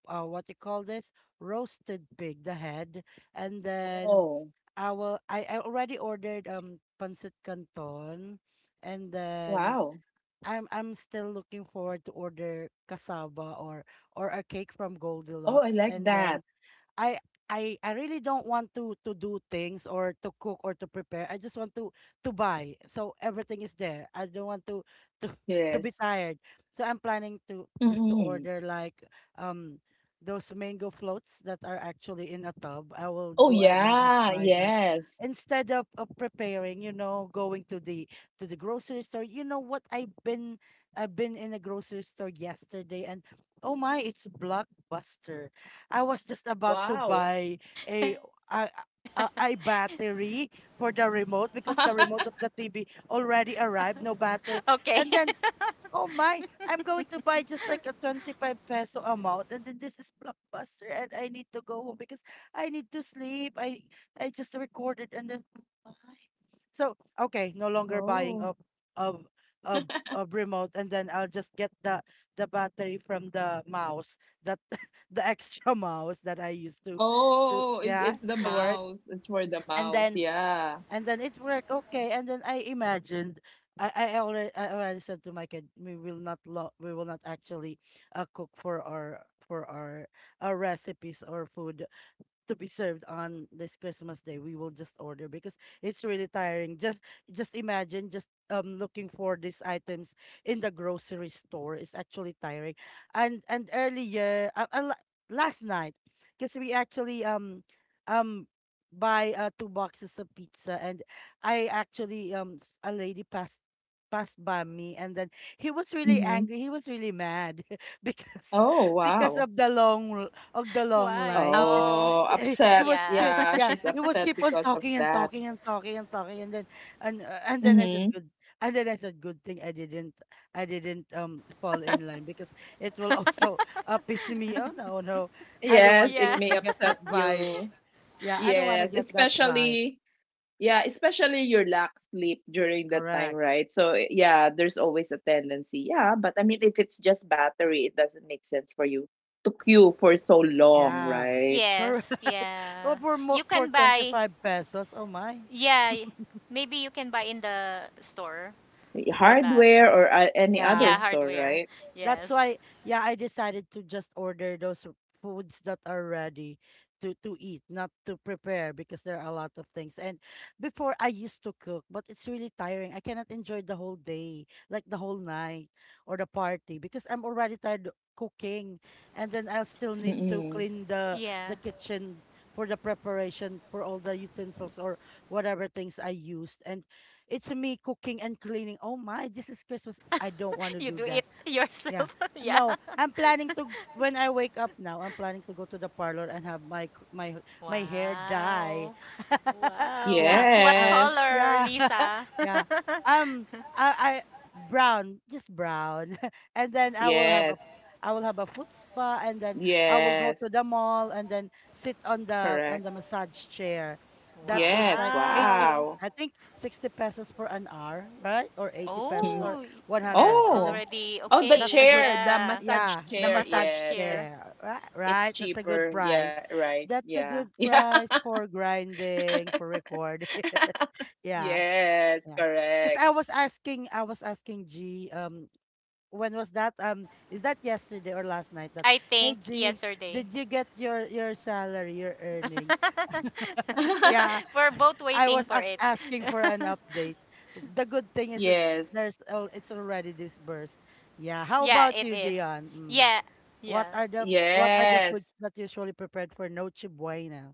[SPEAKER 1] what you call this, roasted pig, the head, and then
[SPEAKER 2] Oh,
[SPEAKER 1] I already ordered pancit canton, and then
[SPEAKER 2] wow.
[SPEAKER 1] I'm still looking forward to order cassava or a cake from
[SPEAKER 2] Oh, I
[SPEAKER 1] Goldilocks,
[SPEAKER 2] like
[SPEAKER 1] and
[SPEAKER 2] that.
[SPEAKER 1] then I I really don't want to do things or to cook or to prepare. I just want to buy, so everything is there. I don't want to to be
[SPEAKER 2] Yes.
[SPEAKER 1] tired. So I'm planning to just to
[SPEAKER 2] Mm-mm.
[SPEAKER 1] order like um those mango floats that are actually in a tub. I will
[SPEAKER 2] Oh,
[SPEAKER 1] go ahead and just
[SPEAKER 2] yeah.
[SPEAKER 1] buy that
[SPEAKER 2] Yes.
[SPEAKER 1] instead of preparing, you know, going to the grocery store. You know what? I've been in a grocery store yesterday and oh my, it's blockbuster. I was just about to
[SPEAKER 2] Wow.
[SPEAKER 1] buy a a a battery for the remote because the remote of the TV already
[SPEAKER 3] Okay.
[SPEAKER 1] arrived, no battery. And then, oh my, I'm going to buy just like a 25 peso amount. And then this is Blockbuster and I need to go home because I need to sleep. I just recorded and then oh, so okay, no longer buying
[SPEAKER 2] Oh.
[SPEAKER 1] of of of remote, and then I'll just get the battery from the mouse that the extra mouse that I used to
[SPEAKER 2] Oh, it's
[SPEAKER 1] yeah
[SPEAKER 2] it's the
[SPEAKER 1] to work,
[SPEAKER 2] mouse. It's for the
[SPEAKER 1] and
[SPEAKER 2] mouse.
[SPEAKER 1] then
[SPEAKER 2] Yeah.
[SPEAKER 1] and then it worked okay, and then I imagined. I already said to my kid we will not lo- we will not actually cook for our recipes or food to be served on this Christmas day, we will just order because it's really tiring. Just imagine just looking for these items in the grocery store is actually tiring. And earlier last night, because we actually um buy two boxes of pizza, and I actually a lady passed passed by me, and then he was really
[SPEAKER 2] Mm-hmm.
[SPEAKER 1] angry, he was really mad because
[SPEAKER 2] Oh,
[SPEAKER 1] because
[SPEAKER 2] wow.
[SPEAKER 1] of the
[SPEAKER 3] Why,
[SPEAKER 1] long line.
[SPEAKER 3] oh,
[SPEAKER 2] Oh,
[SPEAKER 1] It
[SPEAKER 3] yeah,
[SPEAKER 2] upset.
[SPEAKER 1] was yeah,
[SPEAKER 2] Yeah,
[SPEAKER 1] yeah,
[SPEAKER 2] she's
[SPEAKER 1] it was
[SPEAKER 2] upset
[SPEAKER 1] keep on
[SPEAKER 2] because of
[SPEAKER 1] talking and
[SPEAKER 2] that.
[SPEAKER 1] talking and talking and talking, and then I said
[SPEAKER 2] Mm-hmm.
[SPEAKER 1] good, and then I said good thing I didn't fall in line because it will also piss me. Oh no, no. I don't
[SPEAKER 2] Yes,
[SPEAKER 1] want
[SPEAKER 3] yeah.
[SPEAKER 2] it may
[SPEAKER 1] to get
[SPEAKER 2] upset
[SPEAKER 1] that vibe.
[SPEAKER 2] you.
[SPEAKER 1] Yeah, I don't want to
[SPEAKER 2] Yes,
[SPEAKER 1] get that vibe.
[SPEAKER 2] especially Yeah, especially your lack sleep during that time,
[SPEAKER 1] Correct.
[SPEAKER 2] right? So eh, yeah, there's always a tendency. Yeah, but I mean, if it's just battery, it doesn't make sense for you to queue for so long,
[SPEAKER 1] Yeah.
[SPEAKER 2] right?
[SPEAKER 1] Correct.
[SPEAKER 3] Yes,
[SPEAKER 1] Well,
[SPEAKER 3] yeah,
[SPEAKER 1] for more
[SPEAKER 3] you
[SPEAKER 1] for
[SPEAKER 3] can buy,
[SPEAKER 1] 25 pesos. Oh my.
[SPEAKER 3] yeah, maybe you can buy in the store for that,
[SPEAKER 2] Hardware or any other
[SPEAKER 3] yeah,
[SPEAKER 1] Yeah.
[SPEAKER 2] store,
[SPEAKER 3] hardware.
[SPEAKER 2] right?
[SPEAKER 1] That's
[SPEAKER 3] Yes.
[SPEAKER 1] why, yeah, I decided to just order those foods that are ready to eat, not to prepare because there are a lot of things. And before I used to cook, but it's really tiring. I cannot enjoy the whole day, like the whole night or the party because I'm already tired cooking, and then I'll still need to
[SPEAKER 2] Mm-mm.
[SPEAKER 1] clean
[SPEAKER 3] Yeah.
[SPEAKER 1] the kitchen for the preparation for all the utensils or whatever things I used, and it's me cooking and cleaning. Oh my, this is Christmas, I don't want to
[SPEAKER 3] You
[SPEAKER 1] do
[SPEAKER 3] do it
[SPEAKER 1] that. Yeah.
[SPEAKER 3] yourself. Yeah.
[SPEAKER 1] No, I'm planning to, when I wake up now, I'm planning to go to the parlor and have my my hair dye.
[SPEAKER 3] Wow. Wow.
[SPEAKER 1] Yeah.
[SPEAKER 3] What
[SPEAKER 1] Uh,
[SPEAKER 2] Yes,
[SPEAKER 3] color,
[SPEAKER 1] yeah.
[SPEAKER 3] Lisa?
[SPEAKER 1] Yeah. Um I brown, just brown. And then
[SPEAKER 2] yes,
[SPEAKER 1] I will have a foot spa, and then I will go to
[SPEAKER 2] yes,
[SPEAKER 1] the mall and then sit on
[SPEAKER 2] correct.
[SPEAKER 1] the massage chair. That is
[SPEAKER 2] Yes,
[SPEAKER 1] like 80,
[SPEAKER 3] Wow.
[SPEAKER 2] wow.
[SPEAKER 1] I think 60 pesos for an hour, right? Or 80 pesos
[SPEAKER 2] Mm.
[SPEAKER 1] or
[SPEAKER 3] Oh, that's
[SPEAKER 1] 100. And then
[SPEAKER 2] Oh,
[SPEAKER 3] already
[SPEAKER 2] oh,
[SPEAKER 1] that's
[SPEAKER 3] okay.
[SPEAKER 1] a good,
[SPEAKER 2] the
[SPEAKER 3] Yeah,
[SPEAKER 2] massage
[SPEAKER 1] yeah,
[SPEAKER 3] the
[SPEAKER 1] the
[SPEAKER 2] chair.
[SPEAKER 1] massage
[SPEAKER 3] massage
[SPEAKER 2] Yes, it,
[SPEAKER 3] chair.
[SPEAKER 1] chair, right?
[SPEAKER 2] it's
[SPEAKER 1] Right? That's a good
[SPEAKER 2] cheaper. Yeah,
[SPEAKER 1] price.
[SPEAKER 2] right.
[SPEAKER 1] That's a
[SPEAKER 2] Yeah,
[SPEAKER 1] good
[SPEAKER 2] yeah.
[SPEAKER 1] price for grinding, for recording. Yeah,
[SPEAKER 2] Yes,
[SPEAKER 1] yeah. Because
[SPEAKER 2] correct.
[SPEAKER 1] I was asking G, when was that? Is that yesterday or last night? That,
[SPEAKER 3] I
[SPEAKER 1] hey
[SPEAKER 3] think
[SPEAKER 1] G,
[SPEAKER 3] yesterday.
[SPEAKER 1] did you get your salary, your earnings? Yeah,
[SPEAKER 3] We're both waiting for it.
[SPEAKER 1] asking for an update. The good thing is
[SPEAKER 2] Yes,
[SPEAKER 1] it's already disbursed. Yeah. How
[SPEAKER 3] Yeah,
[SPEAKER 1] about
[SPEAKER 3] it
[SPEAKER 1] you,
[SPEAKER 3] is.
[SPEAKER 1] Dion? Mm.
[SPEAKER 3] Yeah,
[SPEAKER 1] What
[SPEAKER 3] yeah,
[SPEAKER 1] are the what are the foods
[SPEAKER 2] yes,
[SPEAKER 1] that usually prepared for Noche Buena?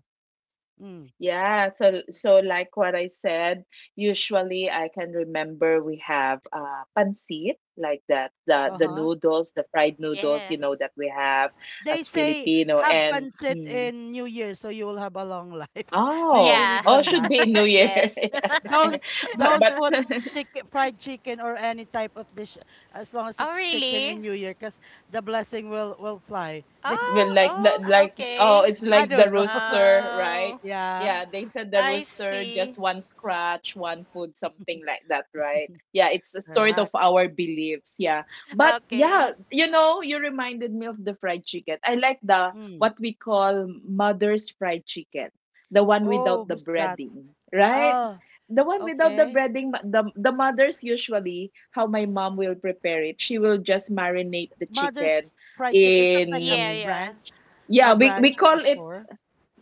[SPEAKER 1] Mm.
[SPEAKER 2] yeah. So, like what I said, usually I can remember we have pancit, like that, the
[SPEAKER 1] Uh
[SPEAKER 2] the
[SPEAKER 1] huh.
[SPEAKER 2] noodles, the fried noodles,
[SPEAKER 3] yeah,
[SPEAKER 2] that we have
[SPEAKER 1] They
[SPEAKER 2] as
[SPEAKER 1] say
[SPEAKER 2] Filipino.
[SPEAKER 1] have
[SPEAKER 2] And
[SPEAKER 1] pancit in New Year, so you will have a long life. Do you
[SPEAKER 2] oh,
[SPEAKER 3] yeah,
[SPEAKER 1] believe
[SPEAKER 2] oh,
[SPEAKER 1] on
[SPEAKER 2] should
[SPEAKER 1] that?
[SPEAKER 2] be in New Year,
[SPEAKER 3] yes.
[SPEAKER 1] Don't don't
[SPEAKER 2] but
[SPEAKER 1] put chicken, fried chicken or any type of dish, as long as
[SPEAKER 3] Oh,
[SPEAKER 1] it's chicken
[SPEAKER 3] really?
[SPEAKER 1] in New Year, because the blessing will fly. They
[SPEAKER 2] Well,
[SPEAKER 3] Oh, oh,
[SPEAKER 2] like, oh,
[SPEAKER 3] okay.
[SPEAKER 2] it's
[SPEAKER 1] I
[SPEAKER 2] like
[SPEAKER 1] don't
[SPEAKER 2] the
[SPEAKER 1] know.
[SPEAKER 2] rooster,
[SPEAKER 3] Oh,
[SPEAKER 2] right?
[SPEAKER 1] Yeah.
[SPEAKER 2] Yeah, they said the
[SPEAKER 3] I
[SPEAKER 2] rooster just
[SPEAKER 3] see.
[SPEAKER 2] one scratch, one food, something like that, right? Yeah, it's a sort
[SPEAKER 1] Correct.
[SPEAKER 2] of our beliefs, yeah. But
[SPEAKER 3] Okay.
[SPEAKER 2] yeah, you reminded me of the fried chicken. I like the
[SPEAKER 1] Mm.
[SPEAKER 2] what we call mother's fried chicken, the one
[SPEAKER 1] Oh,
[SPEAKER 2] without the
[SPEAKER 1] who's that?
[SPEAKER 2] breading, right?
[SPEAKER 1] Oh,
[SPEAKER 2] The one without the
[SPEAKER 1] okay.
[SPEAKER 2] breading, but the mothers usually, how my mom will prepare it. She will just marinate the
[SPEAKER 1] Mother's
[SPEAKER 2] chicken
[SPEAKER 1] Fried Chicken. Is that like a
[SPEAKER 3] Yeah,
[SPEAKER 2] in—
[SPEAKER 3] yeah.
[SPEAKER 1] branch? A
[SPEAKER 2] Yeah, we
[SPEAKER 1] branch of
[SPEAKER 2] call
[SPEAKER 1] a
[SPEAKER 2] it—
[SPEAKER 1] store?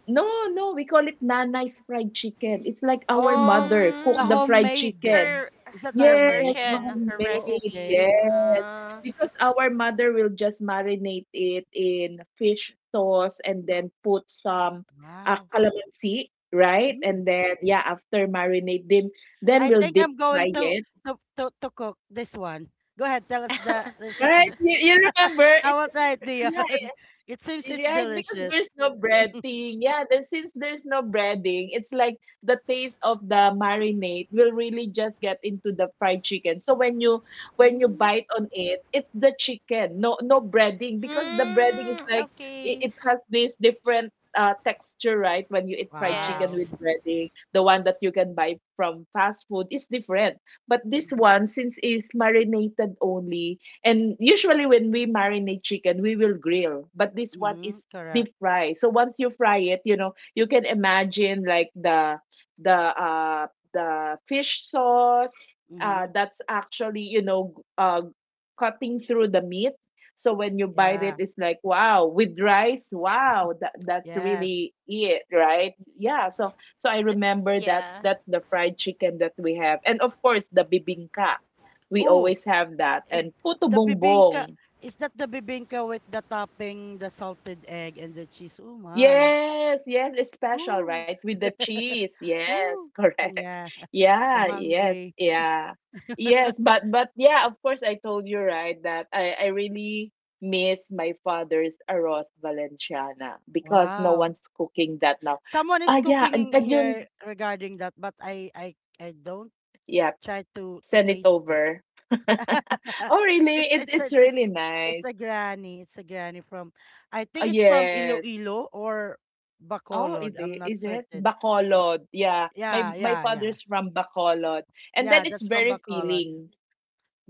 [SPEAKER 2] no, no, we call it Nanay's fried chicken. It's like our
[SPEAKER 1] Oh,
[SPEAKER 2] mother cook
[SPEAKER 1] the
[SPEAKER 2] the
[SPEAKER 3] Mm,
[SPEAKER 2] fried
[SPEAKER 1] homemade.
[SPEAKER 2] chicken.
[SPEAKER 3] Her
[SPEAKER 1] Is that the
[SPEAKER 3] her
[SPEAKER 2] Yes,
[SPEAKER 1] homemade?
[SPEAKER 2] the
[SPEAKER 3] version, her
[SPEAKER 1] Oh,
[SPEAKER 2] homemade.
[SPEAKER 3] recipe.
[SPEAKER 1] okay.
[SPEAKER 2] Yes.
[SPEAKER 3] Uh,
[SPEAKER 2] Because our mother will just marinate it in fish sauce and then put some
[SPEAKER 1] Wow.
[SPEAKER 2] calamansi, right? And
[SPEAKER 1] Mm.
[SPEAKER 2] then yeah, after marinate then
[SPEAKER 1] I
[SPEAKER 2] we'll
[SPEAKER 1] think
[SPEAKER 2] deep
[SPEAKER 1] I'm going
[SPEAKER 2] fry
[SPEAKER 1] to
[SPEAKER 2] it.
[SPEAKER 1] to cook this one. Go ahead, tell us the
[SPEAKER 2] Right?
[SPEAKER 1] recipe.
[SPEAKER 2] You remember
[SPEAKER 1] I
[SPEAKER 2] it,
[SPEAKER 1] will try
[SPEAKER 2] it's
[SPEAKER 1] it,
[SPEAKER 2] yeah.
[SPEAKER 1] Dion. It seems it's
[SPEAKER 2] Right, because there's
[SPEAKER 1] delicious.
[SPEAKER 2] no breading. Yeah, there since there's no breading, it's like the taste of the marinade will really just get into the fried chicken. So when you
[SPEAKER 1] Mm.
[SPEAKER 2] bite on it, it's the chicken, no breading because the breading is
[SPEAKER 3] mm,
[SPEAKER 2] like
[SPEAKER 3] okay.
[SPEAKER 2] it has this different texture, right? When you eat fried chicken
[SPEAKER 1] Wow.
[SPEAKER 2] with
[SPEAKER 3] Yes.
[SPEAKER 2] breading, the one that you can buy from fast food is different. But this
[SPEAKER 1] Mhm.
[SPEAKER 2] one, since it's marinated only, and usually when we marinate chicken, we will grill, but this one
[SPEAKER 1] Mhm,
[SPEAKER 2] is
[SPEAKER 1] correct.
[SPEAKER 2] deep fry. So once you fry it, you know, you can imagine like the fish sauce
[SPEAKER 1] Mhm.
[SPEAKER 2] that's actually, you know, cutting through the meat. So when you bite it,
[SPEAKER 1] Yeah.
[SPEAKER 2] it's like wow, with rice, wow, that's
[SPEAKER 1] Yes.
[SPEAKER 2] really it, right? Yeah. So I
[SPEAKER 3] The,
[SPEAKER 2] remember that
[SPEAKER 3] yeah,
[SPEAKER 2] that's the fried chicken that we have, and of course the bibingka. We
[SPEAKER 1] Oh,
[SPEAKER 2] always have that.
[SPEAKER 1] is
[SPEAKER 2] And puto
[SPEAKER 1] the bibingka,
[SPEAKER 2] bongbong.
[SPEAKER 1] is that the bibingka with the topping, the salted egg and the cheese? Oh my.
[SPEAKER 2] Yes, yes, it's special,
[SPEAKER 1] Ooh.
[SPEAKER 2] right? With the cheese. Yes,
[SPEAKER 1] Ooh.
[SPEAKER 2] correct.
[SPEAKER 1] Yeah.
[SPEAKER 2] Yeah,
[SPEAKER 1] I'm
[SPEAKER 2] yes,
[SPEAKER 1] hungry.
[SPEAKER 2] yeah. Yes, but yeah, of course I told you right that I really miss my father's arroz valenciana because no
[SPEAKER 1] Wow.
[SPEAKER 2] one's cooking that now.
[SPEAKER 1] Someone is
[SPEAKER 2] Ah yeah,
[SPEAKER 1] cooking
[SPEAKER 2] and,
[SPEAKER 1] in
[SPEAKER 2] and
[SPEAKER 1] here
[SPEAKER 2] yun,
[SPEAKER 1] regarding that, but I don't
[SPEAKER 2] yeah,
[SPEAKER 1] try to
[SPEAKER 2] send it
[SPEAKER 1] taste it.
[SPEAKER 2] over. Oh really?
[SPEAKER 1] It's
[SPEAKER 2] It
[SPEAKER 1] it's
[SPEAKER 2] it's
[SPEAKER 1] it's it's
[SPEAKER 2] really
[SPEAKER 1] it's
[SPEAKER 2] nice.
[SPEAKER 1] a granny. It's a granny from I
[SPEAKER 2] Oh
[SPEAKER 1] think it's from
[SPEAKER 2] yes.
[SPEAKER 1] Iloilo or
[SPEAKER 2] Oh, is
[SPEAKER 1] Bacolod. I'm
[SPEAKER 2] it
[SPEAKER 1] not
[SPEAKER 2] is it?
[SPEAKER 1] certain. Y-
[SPEAKER 2] Bacolod. Yeah. My
[SPEAKER 1] Yeah,
[SPEAKER 2] my
[SPEAKER 1] yeah, yeah.
[SPEAKER 2] father's from Bacolod. And then
[SPEAKER 1] Yeah,
[SPEAKER 2] it's
[SPEAKER 1] that's from
[SPEAKER 2] very
[SPEAKER 1] Bacolod.
[SPEAKER 2] filling.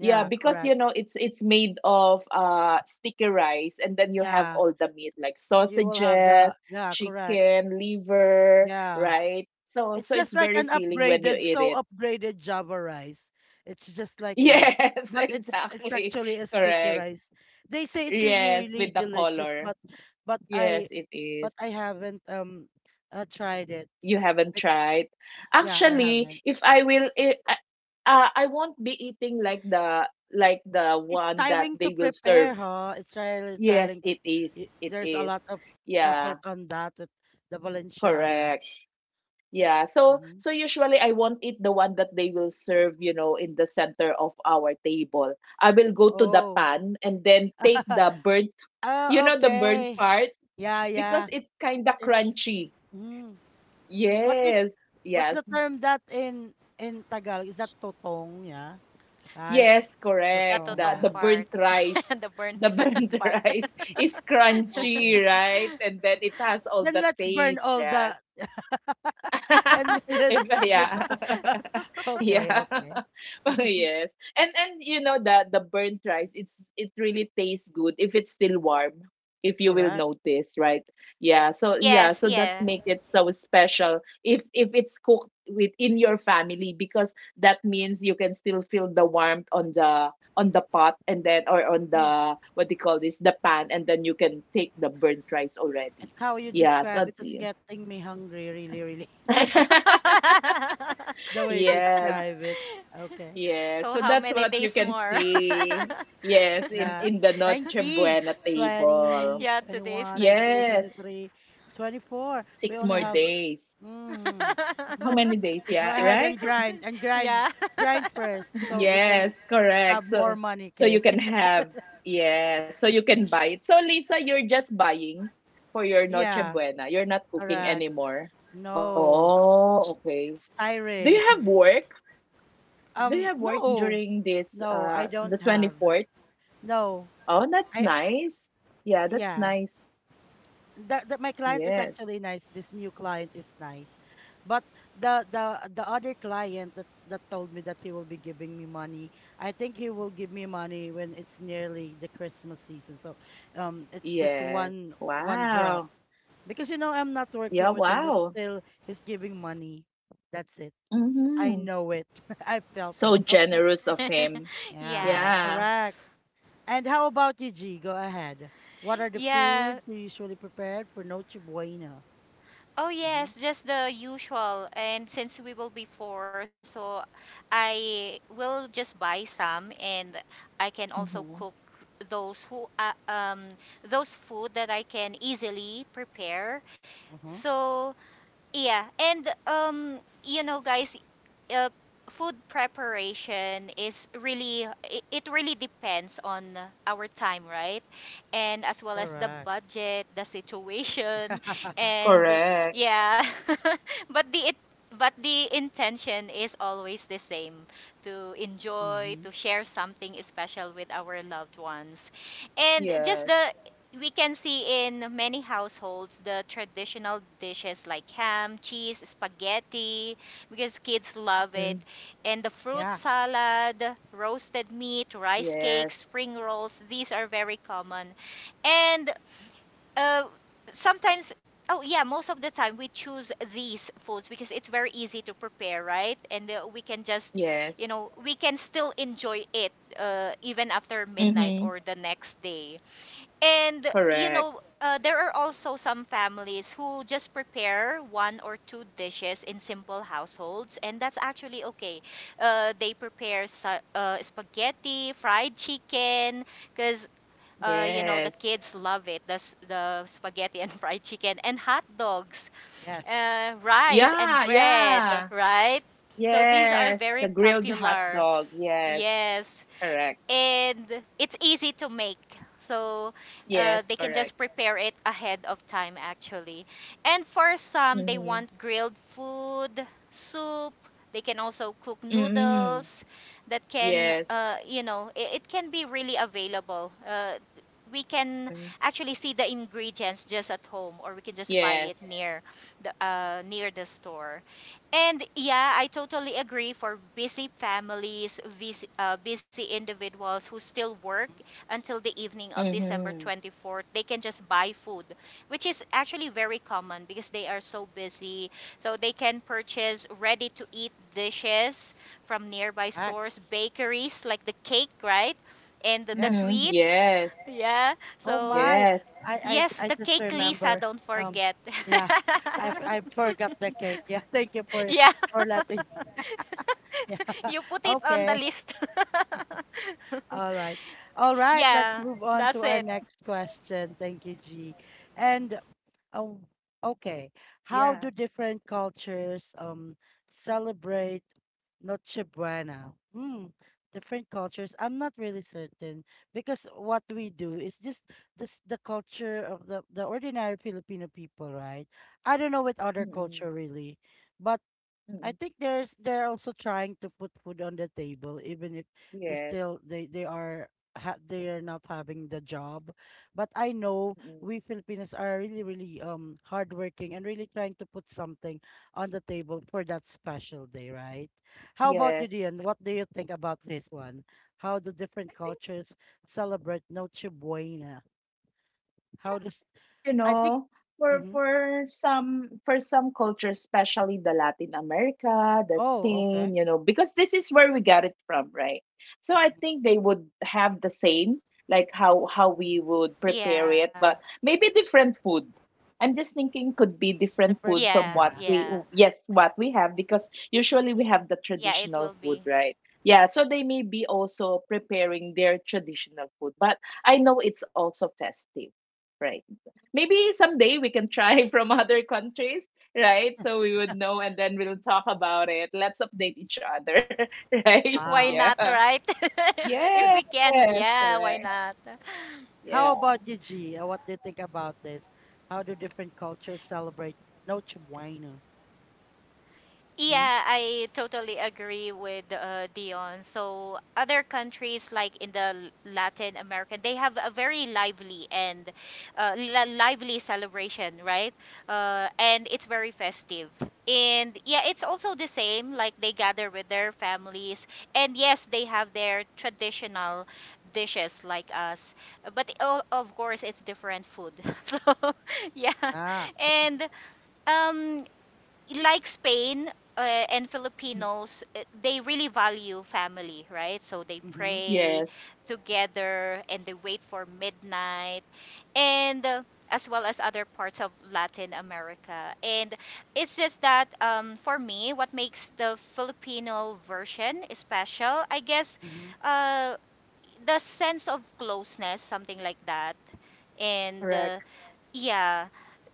[SPEAKER 2] Yeah, because you
[SPEAKER 1] correct.
[SPEAKER 2] know it's made of sticky rice and then you have
[SPEAKER 1] Yeah.
[SPEAKER 2] all the meat like
[SPEAKER 1] You will have
[SPEAKER 2] sausages,
[SPEAKER 1] the yeah, correct.
[SPEAKER 2] chicken, liver,
[SPEAKER 1] Yeah.
[SPEAKER 2] right? So
[SPEAKER 1] It's
[SPEAKER 2] so
[SPEAKER 1] just
[SPEAKER 2] it's
[SPEAKER 1] like
[SPEAKER 2] very
[SPEAKER 1] an
[SPEAKER 2] filling when you
[SPEAKER 1] upgraded,
[SPEAKER 2] eat
[SPEAKER 1] so
[SPEAKER 2] it.
[SPEAKER 1] upgraded Java rice. It's just like that.
[SPEAKER 2] Yes,
[SPEAKER 1] But it's
[SPEAKER 2] exactly.
[SPEAKER 1] actually a sticky
[SPEAKER 2] Correct.
[SPEAKER 1] rice. They say it's really,
[SPEAKER 2] Yes,
[SPEAKER 1] really
[SPEAKER 2] with the
[SPEAKER 1] delicious,
[SPEAKER 2] color.
[SPEAKER 1] but but
[SPEAKER 2] Yes,
[SPEAKER 1] I
[SPEAKER 2] it
[SPEAKER 1] but
[SPEAKER 2] is.
[SPEAKER 1] I haven't tried it.
[SPEAKER 2] You haven't
[SPEAKER 1] Bec-
[SPEAKER 2] tried.
[SPEAKER 1] Yeah, I
[SPEAKER 2] Actually,
[SPEAKER 1] haven't.
[SPEAKER 2] if I will, I won't be eating the
[SPEAKER 1] It's
[SPEAKER 2] one that
[SPEAKER 1] tiring to
[SPEAKER 2] they will
[SPEAKER 1] prepare,
[SPEAKER 2] serve.
[SPEAKER 1] huh? It's really
[SPEAKER 2] Yes,
[SPEAKER 1] tiring.
[SPEAKER 2] it is. It
[SPEAKER 1] There's a
[SPEAKER 2] is.
[SPEAKER 1] lot of
[SPEAKER 2] Yeah,
[SPEAKER 1] effort on that with the Valenciana.
[SPEAKER 2] correct. Yeah. So
[SPEAKER 1] Hmm.
[SPEAKER 2] so usually I won't eat the one that they will serve, you know, in the center of our table. I will go to the
[SPEAKER 1] Oh.
[SPEAKER 2] pan and then take the burnt, you
[SPEAKER 1] Oh,
[SPEAKER 2] know, the burnt
[SPEAKER 1] okay.
[SPEAKER 2] part
[SPEAKER 1] Yeah,
[SPEAKER 2] because
[SPEAKER 1] yeah.
[SPEAKER 2] it's kind of
[SPEAKER 1] It's
[SPEAKER 2] crunchy.
[SPEAKER 1] mm. What the,
[SPEAKER 2] Yes.
[SPEAKER 1] what's
[SPEAKER 2] Yeah.
[SPEAKER 1] the term that in Tagalog? Is that totong? Yeah. Right?
[SPEAKER 2] Yes,
[SPEAKER 3] that
[SPEAKER 2] correct.
[SPEAKER 1] Totong,
[SPEAKER 2] The
[SPEAKER 3] totong
[SPEAKER 2] the
[SPEAKER 1] yeah.
[SPEAKER 3] part.
[SPEAKER 2] burnt rice,
[SPEAKER 3] The burnt
[SPEAKER 2] the burnt
[SPEAKER 3] part.
[SPEAKER 2] rice is crunchy,
[SPEAKER 1] Okay.
[SPEAKER 2] right? And then it has all
[SPEAKER 1] Then
[SPEAKER 2] the
[SPEAKER 1] let's burn
[SPEAKER 2] taste,
[SPEAKER 1] all
[SPEAKER 2] yeah.
[SPEAKER 1] the and then let's
[SPEAKER 2] If
[SPEAKER 1] let's
[SPEAKER 2] yeah.
[SPEAKER 1] okay,
[SPEAKER 2] Yeah.
[SPEAKER 1] okay.
[SPEAKER 2] Oh, yes. And you know the burnt rice, it really tastes good if it's still warm, if you will
[SPEAKER 1] Correct.
[SPEAKER 2] notice, right? Yeah. So yeah,
[SPEAKER 3] Yes,
[SPEAKER 2] so that's
[SPEAKER 3] yeah.
[SPEAKER 2] make it so special if it's cooked within your family because that means you can still feel the warmth on the pot and then or on
[SPEAKER 1] Mm.
[SPEAKER 2] the what do you call this, the pan and then you can take the burnt rice
[SPEAKER 1] It's
[SPEAKER 2] already.
[SPEAKER 1] how you
[SPEAKER 2] Yeah,
[SPEAKER 1] describe
[SPEAKER 2] so
[SPEAKER 1] It's
[SPEAKER 2] yeah.
[SPEAKER 1] getting me hungry, really, really. The way you
[SPEAKER 2] Yes,
[SPEAKER 1] describe it. Okay.
[SPEAKER 2] yes.
[SPEAKER 3] So
[SPEAKER 2] So
[SPEAKER 3] how
[SPEAKER 2] that's
[SPEAKER 3] many
[SPEAKER 2] what you
[SPEAKER 3] days
[SPEAKER 2] can
[SPEAKER 3] more?
[SPEAKER 2] see. Yes, in
[SPEAKER 1] Yeah.
[SPEAKER 2] in the Noche
[SPEAKER 1] nineteen
[SPEAKER 2] Buena table.
[SPEAKER 1] twenty
[SPEAKER 3] Yeah,
[SPEAKER 1] twenty
[SPEAKER 3] today is
[SPEAKER 1] one twenty two
[SPEAKER 3] 19.
[SPEAKER 1] twenty
[SPEAKER 2] Yes,
[SPEAKER 1] three twenty four We
[SPEAKER 2] six
[SPEAKER 1] only
[SPEAKER 2] more
[SPEAKER 1] have.
[SPEAKER 2] days.
[SPEAKER 1] Mm,
[SPEAKER 2] How
[SPEAKER 1] mo-
[SPEAKER 2] many days?
[SPEAKER 1] go
[SPEAKER 2] Yeah,
[SPEAKER 3] Six,
[SPEAKER 1] ahead and
[SPEAKER 2] right?
[SPEAKER 1] grind and grind.
[SPEAKER 3] yeah.
[SPEAKER 1] Grind first so we can
[SPEAKER 2] Yes,
[SPEAKER 1] have
[SPEAKER 2] correct.
[SPEAKER 1] more
[SPEAKER 2] So
[SPEAKER 1] money,
[SPEAKER 2] so
[SPEAKER 1] okay?
[SPEAKER 2] you can have yeah, so you can buy it. So Lisa, you're just buying for your Noche
[SPEAKER 1] Yeah,
[SPEAKER 2] Buena. You're not cooking
[SPEAKER 1] correct.
[SPEAKER 2] anymore.
[SPEAKER 1] No,
[SPEAKER 2] Oh, okay.
[SPEAKER 1] it's
[SPEAKER 2] Do
[SPEAKER 1] tiring.
[SPEAKER 2] you have work? Do you have work
[SPEAKER 1] No,
[SPEAKER 2] during this
[SPEAKER 1] no, I
[SPEAKER 2] the
[SPEAKER 1] don't have.
[SPEAKER 2] 24th?
[SPEAKER 1] No,
[SPEAKER 2] Oh, that's
[SPEAKER 1] I,
[SPEAKER 2] nice. Yeah, that's
[SPEAKER 1] yeah.
[SPEAKER 2] nice.
[SPEAKER 1] That my client is
[SPEAKER 2] Yes.
[SPEAKER 1] actually nice. This new client is nice, but the other client that told me that he will be giving me money. I think he will give me money when it's nearly the Christmas season. So, it's just
[SPEAKER 2] Yes.
[SPEAKER 1] one drop
[SPEAKER 2] Wow.
[SPEAKER 1] because you know I'm not
[SPEAKER 2] Yeah,
[SPEAKER 1] working with him, but
[SPEAKER 2] wow.
[SPEAKER 1] still he's giving money. That's it. I
[SPEAKER 2] Mm-hmm.
[SPEAKER 1] know it. I felt that.
[SPEAKER 2] So
[SPEAKER 1] Okay.
[SPEAKER 2] generous of him.
[SPEAKER 1] Yeah,
[SPEAKER 3] Yeah.
[SPEAKER 2] Yeah.
[SPEAKER 1] correct. And how about you, G? Go ahead. What are the
[SPEAKER 3] Yeah.
[SPEAKER 1] foods you usually prepared for Noche Buena?
[SPEAKER 3] Oh
[SPEAKER 1] Hmm.
[SPEAKER 3] yes, just the usual. And since we will be four, so I will just buy some, and I can also
[SPEAKER 2] Mm-hmm.
[SPEAKER 3] cook those who those food that I can easily prepare.
[SPEAKER 1] Uh-huh.
[SPEAKER 3] So yeah, and um, you know guys, uh, food preparation is really, it really depends on our time, right? And as well as the
[SPEAKER 1] Correct.
[SPEAKER 3] budget, the situation, and
[SPEAKER 2] Correct.
[SPEAKER 3] yeah. But the, it, but the intention is always the same, to enjoy,
[SPEAKER 1] Mm-hmm.
[SPEAKER 3] to share something special with our loved ones. And just
[SPEAKER 2] Yes.
[SPEAKER 3] the, we can see in many households the traditional dishes like ham, cheese, spaghetti, because kids love it.
[SPEAKER 2] Mm.
[SPEAKER 3] And the fruit
[SPEAKER 1] Yeah.
[SPEAKER 3] salad, roasted meat,
[SPEAKER 2] Yes.
[SPEAKER 3] rice cakes, spring rolls, these are very common. And uh, sometimes, oh yeah, most of the time we choose these foods because it's very easy to prepare, right? And we can just, you
[SPEAKER 2] Yes.
[SPEAKER 3] know, we can still enjoy it even after midnight
[SPEAKER 2] Mm-hmm.
[SPEAKER 3] or the next day. And you
[SPEAKER 2] Correct.
[SPEAKER 3] know, there are also some families who just prepare one or two dishes in simple households, and that's actually okay. They prepare spaghetti, fried chicken, because you know the
[SPEAKER 2] Yes.
[SPEAKER 3] kids love it. The spaghetti and fried chicken and hot dogs,
[SPEAKER 1] Yes.
[SPEAKER 3] rice and
[SPEAKER 2] Yeah,
[SPEAKER 3] bread,
[SPEAKER 2] yeah.
[SPEAKER 3] right? So these are
[SPEAKER 2] Yes.
[SPEAKER 3] very
[SPEAKER 2] The grilled hot
[SPEAKER 3] popular.
[SPEAKER 2] dog. Yes.
[SPEAKER 3] Yes,
[SPEAKER 2] Correct.
[SPEAKER 3] and it's easy to make. So
[SPEAKER 2] Yes,
[SPEAKER 3] they can
[SPEAKER 2] correct.
[SPEAKER 3] just prepare it ahead of time actually. And for some they
[SPEAKER 2] Mm-hmm.
[SPEAKER 3] want grilled food soup, they can also cook
[SPEAKER 2] Mm-hmm.
[SPEAKER 3] noodles that can
[SPEAKER 2] Yes.
[SPEAKER 3] you know, it can be really available, we can
[SPEAKER 2] Mm.
[SPEAKER 3] actually see the ingredients just at home, or we can just buy it
[SPEAKER 2] Yes.
[SPEAKER 3] near the store. And yeah, I totally agree, for busy families, busy, busy individuals who still work
[SPEAKER 1] Mm-hmm.
[SPEAKER 3] until the evening of December
[SPEAKER 2] Mm-hmm.
[SPEAKER 3] 24th. They can just buy food, which is actually very common because they are so busy. So they can purchase ready to eat dishes from nearby
[SPEAKER 1] Correct.
[SPEAKER 3] stores, bakeries, like the cake, right? And the
[SPEAKER 1] Yes.
[SPEAKER 2] Mhm.
[SPEAKER 3] sweets.
[SPEAKER 2] Yes.
[SPEAKER 3] Yeah.
[SPEAKER 1] Oh
[SPEAKER 3] So,
[SPEAKER 1] my,
[SPEAKER 2] Yes.
[SPEAKER 1] I I j-
[SPEAKER 3] yes,
[SPEAKER 1] I
[SPEAKER 3] the
[SPEAKER 1] just
[SPEAKER 3] cake, Lisa,
[SPEAKER 1] remember.
[SPEAKER 3] don't
[SPEAKER 1] Um,
[SPEAKER 3] forget.
[SPEAKER 1] yeah, I forgot the cake. Yeah, thank you for
[SPEAKER 3] Yeah.
[SPEAKER 1] for letting me. Yeah,
[SPEAKER 3] You put it on the
[SPEAKER 1] okay.
[SPEAKER 3] list.
[SPEAKER 1] All right. All right. Let's
[SPEAKER 3] Yeah,
[SPEAKER 1] move on to
[SPEAKER 3] that's
[SPEAKER 1] our
[SPEAKER 3] it.
[SPEAKER 1] next question. Thank you, G. And um, okay, how
[SPEAKER 2] Yeah.
[SPEAKER 1] do different cultures celebrate Noche Buena? Hmm. Different cultures. I'm not really certain because what we do is just this the culture of the ordinary Filipino people, right? I don't know with other culture
[SPEAKER 2] Mm-mm.
[SPEAKER 1] really, but I
[SPEAKER 2] Mm-mm.
[SPEAKER 1] think there's they're also trying to put food on the table, even if they
[SPEAKER 2] Yes.
[SPEAKER 1] still they are ha they are not having the job. But I know
[SPEAKER 2] Mm-mm.
[SPEAKER 1] we Filipinos are really, really hardworking and really trying to put something on the table for that special day, right? How about you,
[SPEAKER 2] Yes.
[SPEAKER 1] Dion? What do you think about this one? How do
[SPEAKER 2] I
[SPEAKER 1] different
[SPEAKER 2] think
[SPEAKER 1] cultures celebrate Noche Buena? How does,
[SPEAKER 2] you
[SPEAKER 1] I think?
[SPEAKER 2] know for
[SPEAKER 1] Mm-hmm.
[SPEAKER 2] some cultures, especially the Latin America, the
[SPEAKER 1] Oh,
[SPEAKER 2] Spain,
[SPEAKER 1] okay.
[SPEAKER 2] you know, because this is where we got it from, right? So I
[SPEAKER 1] Mhm.
[SPEAKER 2] think they would have the same, like how we would prepare it,
[SPEAKER 3] Yeah.
[SPEAKER 2] but maybe different food. I'm just thinking, could be different
[SPEAKER 1] Different.
[SPEAKER 2] food
[SPEAKER 3] Yeah,
[SPEAKER 2] from what
[SPEAKER 1] Yeah.
[SPEAKER 2] we,
[SPEAKER 3] yeah.
[SPEAKER 2] yes, what we have, because usually we have the
[SPEAKER 3] Yeah, it will be.
[SPEAKER 2] traditional food, right? Yeah, so they may be also preparing their traditional food, but I know it's also festive, right? Maybe someday we can try from other countries, right? So we would know and then we'll talk about it. Let's update each other, right?
[SPEAKER 3] Why
[SPEAKER 1] Wow.
[SPEAKER 3] not,
[SPEAKER 2] Yeah.
[SPEAKER 3] right? If
[SPEAKER 2] Yes,
[SPEAKER 3] we can, yeah, why
[SPEAKER 2] correct.
[SPEAKER 3] not?
[SPEAKER 2] Yeah.
[SPEAKER 1] How about you, G? What do you think about this? How do different cultures celebrate Noche Buena? Mm-hmm.
[SPEAKER 3] Yeah, I totally agree with Dion. So other countries like in the Latin America, they have a very lively and lively celebration, right? And it's very festive. And yeah, it's also the same. Like they gather with their families, and yes, they have their traditional dishes like us, but of course it's different food. So yeah,
[SPEAKER 1] Ah,
[SPEAKER 3] and. Um, like Spain uh, and Filipinos, they really value family, right? So they
[SPEAKER 1] mm-hmm,
[SPEAKER 3] pray
[SPEAKER 2] Yes,
[SPEAKER 3] together and they wait for midnight, and as well as other parts of Latin America. And it's just that for me, what makes the Filipino version special, I guess,
[SPEAKER 1] mm-hmm,
[SPEAKER 3] uh, the sense of closeness, something like that. And
[SPEAKER 2] correct.
[SPEAKER 3] yeah,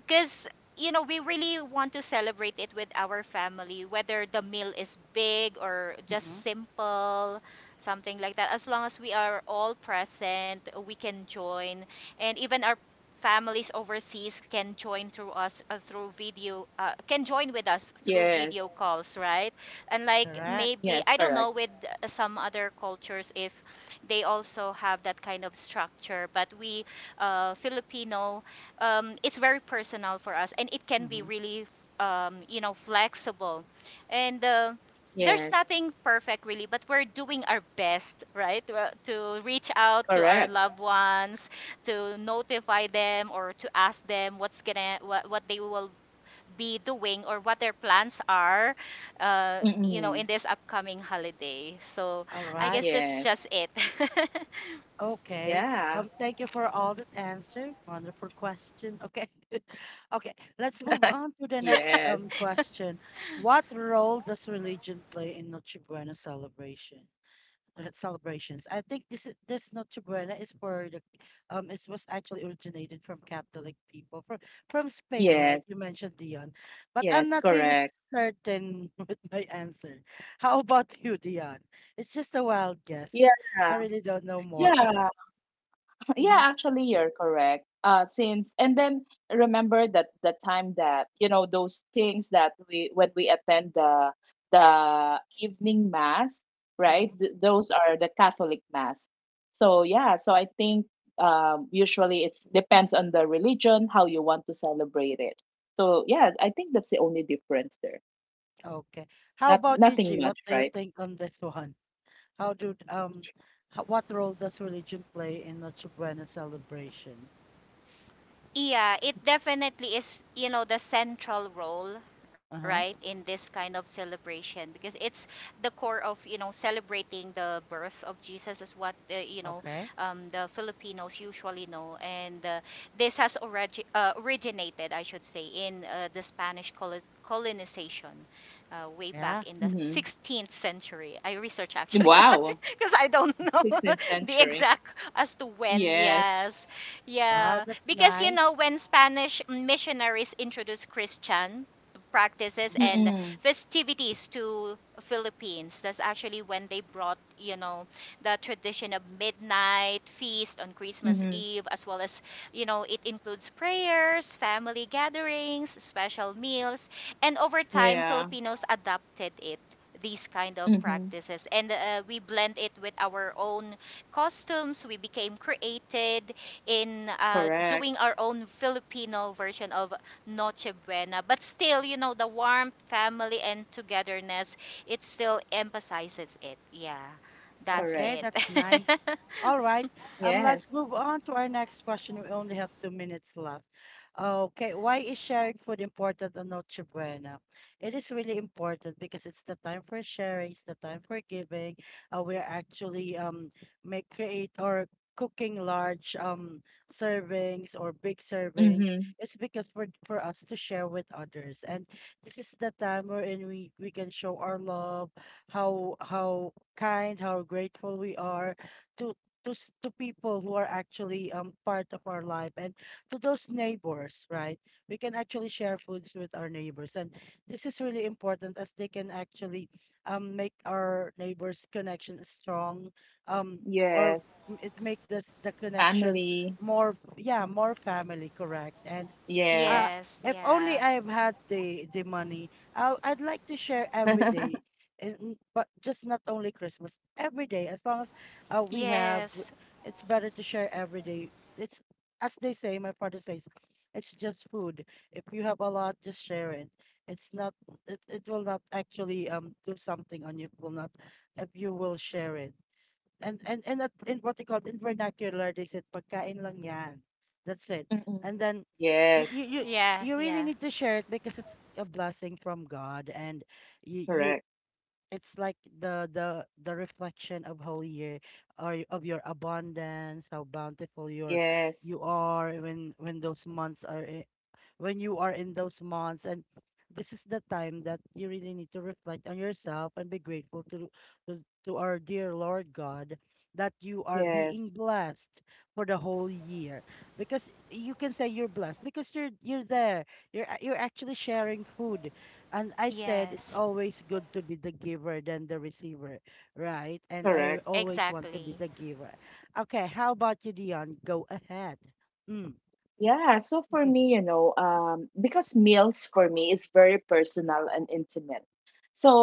[SPEAKER 3] because you know we really want to celebrate it with our family, whether the meal is big or
[SPEAKER 1] mm-hmm.
[SPEAKER 3] just simple, something like that. As long as we are all present, we can join, and even our families overseas can join through us through video, can join with us through
[SPEAKER 2] Yes,
[SPEAKER 3] video calls, right? And like,
[SPEAKER 1] Correct.
[SPEAKER 3] maybe
[SPEAKER 2] yes,
[SPEAKER 3] I don't
[SPEAKER 2] correct.
[SPEAKER 3] know with some other cultures if they also have that kind of structure. But we, Filipino, it's very personal for us, and it can be
[SPEAKER 1] Mm-hmm.
[SPEAKER 3] really you know, flexible, and. There's
[SPEAKER 2] Yes,
[SPEAKER 3] nothing perfect really, but we're doing our best, right, we to reach out to our
[SPEAKER 2] correct.
[SPEAKER 3] loved ones, to notify them or to ask them what's gonna what they will be doing, or what their plans are, you know, in
[SPEAKER 2] Mm-mm.
[SPEAKER 3] this upcoming holiday. So
[SPEAKER 1] All
[SPEAKER 3] I
[SPEAKER 1] right.
[SPEAKER 3] guess
[SPEAKER 2] Yes,
[SPEAKER 3] that's just it.
[SPEAKER 1] Okay.
[SPEAKER 2] yeah,
[SPEAKER 1] Thank you for all that answer. Wonderful question. Okay. Okay. Let's move on to the
[SPEAKER 2] yes,
[SPEAKER 1] next question. What role does religion play in Noche Buena celebration? Celebrations. I think this Noche Buena is for the it was actually originated from Catholic people from Spain,
[SPEAKER 2] yes,
[SPEAKER 1] right? You mentioned Dion, but I'm
[SPEAKER 2] yes,
[SPEAKER 1] not really
[SPEAKER 2] correct.
[SPEAKER 1] certain with my answer. How about you, Dion? It's just a wild
[SPEAKER 2] Yeah,
[SPEAKER 1] guess. I really don't know more.
[SPEAKER 2] yeah, yeah,
[SPEAKER 1] Hmm.
[SPEAKER 2] actually, you're correct. Since and then remember that the time that you know those things that we when we attend the evening mass,
[SPEAKER 1] Hmm.
[SPEAKER 2] right? Those are the Catholic mass. So yeah, so I think usually it depends on the religion how you want to celebrate it. So yeah, I think that's the only difference there.
[SPEAKER 1] Okay. How
[SPEAKER 2] Not
[SPEAKER 1] about you,
[SPEAKER 2] nothing
[SPEAKER 1] G? What
[SPEAKER 2] much,
[SPEAKER 1] do you
[SPEAKER 2] right?
[SPEAKER 1] think on this one? How do um what role does religion play in Noche Buena celebrations?
[SPEAKER 3] Yeah, it definitely is, you know, the central role, right,
[SPEAKER 1] Uh-huh.
[SPEAKER 3] in this kind of celebration, because it's the core of, you know, celebrating the birth of Jesus is what, you know,
[SPEAKER 1] Okay.
[SPEAKER 3] the Filipinos usually know. And this has originated, I should say, in the Spanish colonization way
[SPEAKER 1] Yeah.
[SPEAKER 3] back in the
[SPEAKER 2] Mm-hmm.
[SPEAKER 3] 16th century. I research actually
[SPEAKER 2] Wow,
[SPEAKER 3] because I don't know
[SPEAKER 2] 16th
[SPEAKER 3] the
[SPEAKER 2] century.
[SPEAKER 3] exact as to when,
[SPEAKER 2] Yes.
[SPEAKER 3] yes.
[SPEAKER 1] Wow,
[SPEAKER 3] Yeah,
[SPEAKER 1] that's
[SPEAKER 3] because you know
[SPEAKER 1] nice.
[SPEAKER 3] when Spanish missionaries introduced Christian practices
[SPEAKER 1] Mhm.
[SPEAKER 3] and
[SPEAKER 2] Mm-mm.
[SPEAKER 3] festivities to Philippines, that's actually when they brought, you know, the tradition of midnight feast on Christmas
[SPEAKER 2] Mm-hmm.
[SPEAKER 3] Eve, as well as, you know, it includes prayers, family gatherings, special meals, and over time
[SPEAKER 2] Yeah.
[SPEAKER 3] Filipinos adopted it. These kind of
[SPEAKER 2] Mhm.
[SPEAKER 3] practices, and we blend it with our own costumes. We became created in
[SPEAKER 2] Correct.
[SPEAKER 3] doing our own Filipino version of Noche Buena. But still, you know, the warmth, family, and togetherness, it still emphasizes it. Yeah, that's
[SPEAKER 1] Okay,
[SPEAKER 2] Correct.
[SPEAKER 3] it.
[SPEAKER 1] that's nice. All right. Um,
[SPEAKER 2] Yes.
[SPEAKER 1] let's move on to our next question. We only have 2 minutes left. Okay, why is sharing food important on Noche Buena? It is really important because it's the time for sharing, it's the time for giving. We're actually make create or cooking large servings or big servings.
[SPEAKER 2] Mhm.
[SPEAKER 1] It's because for us to share with others. And this is the time wherein we can show our love, how kind, how grateful we are to to people who are actually part of our life and to those neighbors, right? We can actually share foods with our neighbors, and this is really important as they can actually make our neighbors' connection strong, um or
[SPEAKER 2] Yes.
[SPEAKER 1] it make this the connection
[SPEAKER 2] Family.
[SPEAKER 1] more, yeah, more family, correct. And uh,
[SPEAKER 3] Yes,
[SPEAKER 2] Yes.
[SPEAKER 1] if
[SPEAKER 3] yeah.
[SPEAKER 1] only I have had the money, I'd like to share every day, and but just not only Christmas, every day. As long as we have,
[SPEAKER 3] Yes.
[SPEAKER 1] it's better to share every day. It's, as they say, my father says, it's just food. If you have a lot, just share it. It's not. It will not actually do something on you. It will not if you will share it, and in what they call in vernacular, they said pagkain lang yan, that's it, and
[SPEAKER 2] Mhm.
[SPEAKER 1] then you you you,
[SPEAKER 2] Yes.
[SPEAKER 1] you
[SPEAKER 3] Yeah,
[SPEAKER 1] really
[SPEAKER 3] yeah.
[SPEAKER 1] need to share it because it's a blessing from God. And you
[SPEAKER 2] Correct.
[SPEAKER 1] it's like the reflection of Holy Year, or of your abundance, how bountiful you
[SPEAKER 2] Yes.
[SPEAKER 1] are when those months are, when you are in those months, and this is the time that you really need to reflect on yourself and be grateful to, to our dear Lord God that you are being
[SPEAKER 2] Yes.
[SPEAKER 1] blessed for the whole year, because you can say you're blessed because you're there. You're actually sharing food, and I said it's
[SPEAKER 3] Yes.
[SPEAKER 1] always good to be the giver than the receiver, right? And I
[SPEAKER 2] Correct.
[SPEAKER 1] always want to
[SPEAKER 3] Exactly.
[SPEAKER 1] be the giver. Okay, how about you, Dion? Go ahead. Mm.
[SPEAKER 2] Yeah, so for me, you know, because meals for me is very personal and intimate.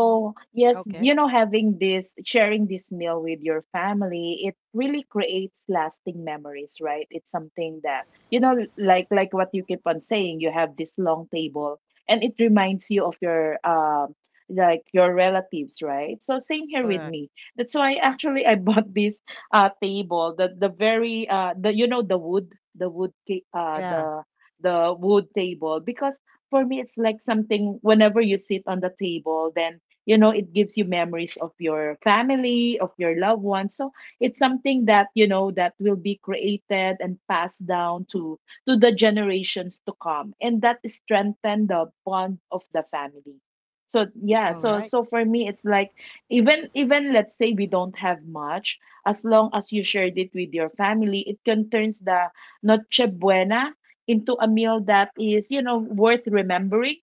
[SPEAKER 1] Hmm.
[SPEAKER 2] yes,
[SPEAKER 1] Okay.
[SPEAKER 2] you know, having this, sharing this meal with your family, it really creates lasting memories, right? It's something that, you know, like what you keep on saying, you have this long table and it reminds you of your like your relatives, right? So same here with
[SPEAKER 1] Correct.
[SPEAKER 2] me. That's why actually I bought this table, the wood, ta- uh
[SPEAKER 1] Yeah.
[SPEAKER 2] the the wood table, because for me it's like something whenever you sit on the table, then it gives you memories of your family, of your loved ones. So it's something that, that will be created and passed down to the generations to come, and that strengthen the bond of the family. So yeah,
[SPEAKER 1] All
[SPEAKER 2] so
[SPEAKER 1] right.
[SPEAKER 2] so for me it's like, even let's say we don't have much, as long as you shared it with your family, it can turns the Noche Buena into a meal that is, you know, worth remembering.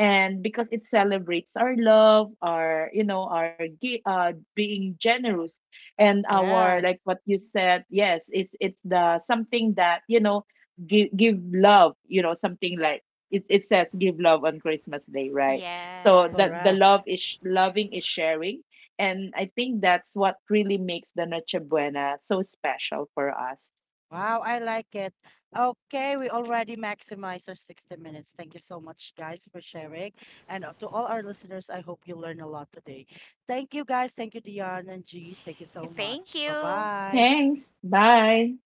[SPEAKER 2] And because it celebrates our love, our, you know, our being generous, and our, like
[SPEAKER 1] Yes.
[SPEAKER 2] what you said, yes, it's the something that, you know, give love, you know, something like it says give love on Christmas Day, right?
[SPEAKER 3] Yeah.
[SPEAKER 2] So that the
[SPEAKER 1] Correct.
[SPEAKER 2] love is sh- loving is sharing, and I think that's what really makes the Noche Buena so special for us.
[SPEAKER 1] Wow, I like it. Okay, we already maximized our 60 minutes. Thank you so much, guys, for sharing. And to all our listeners, I hope you learn a lot today. Thank you, guys. Thank you, Dion and G. Thank you so
[SPEAKER 3] Thank
[SPEAKER 1] much.
[SPEAKER 3] you.
[SPEAKER 1] Bye bye.
[SPEAKER 2] Thanks. Bye.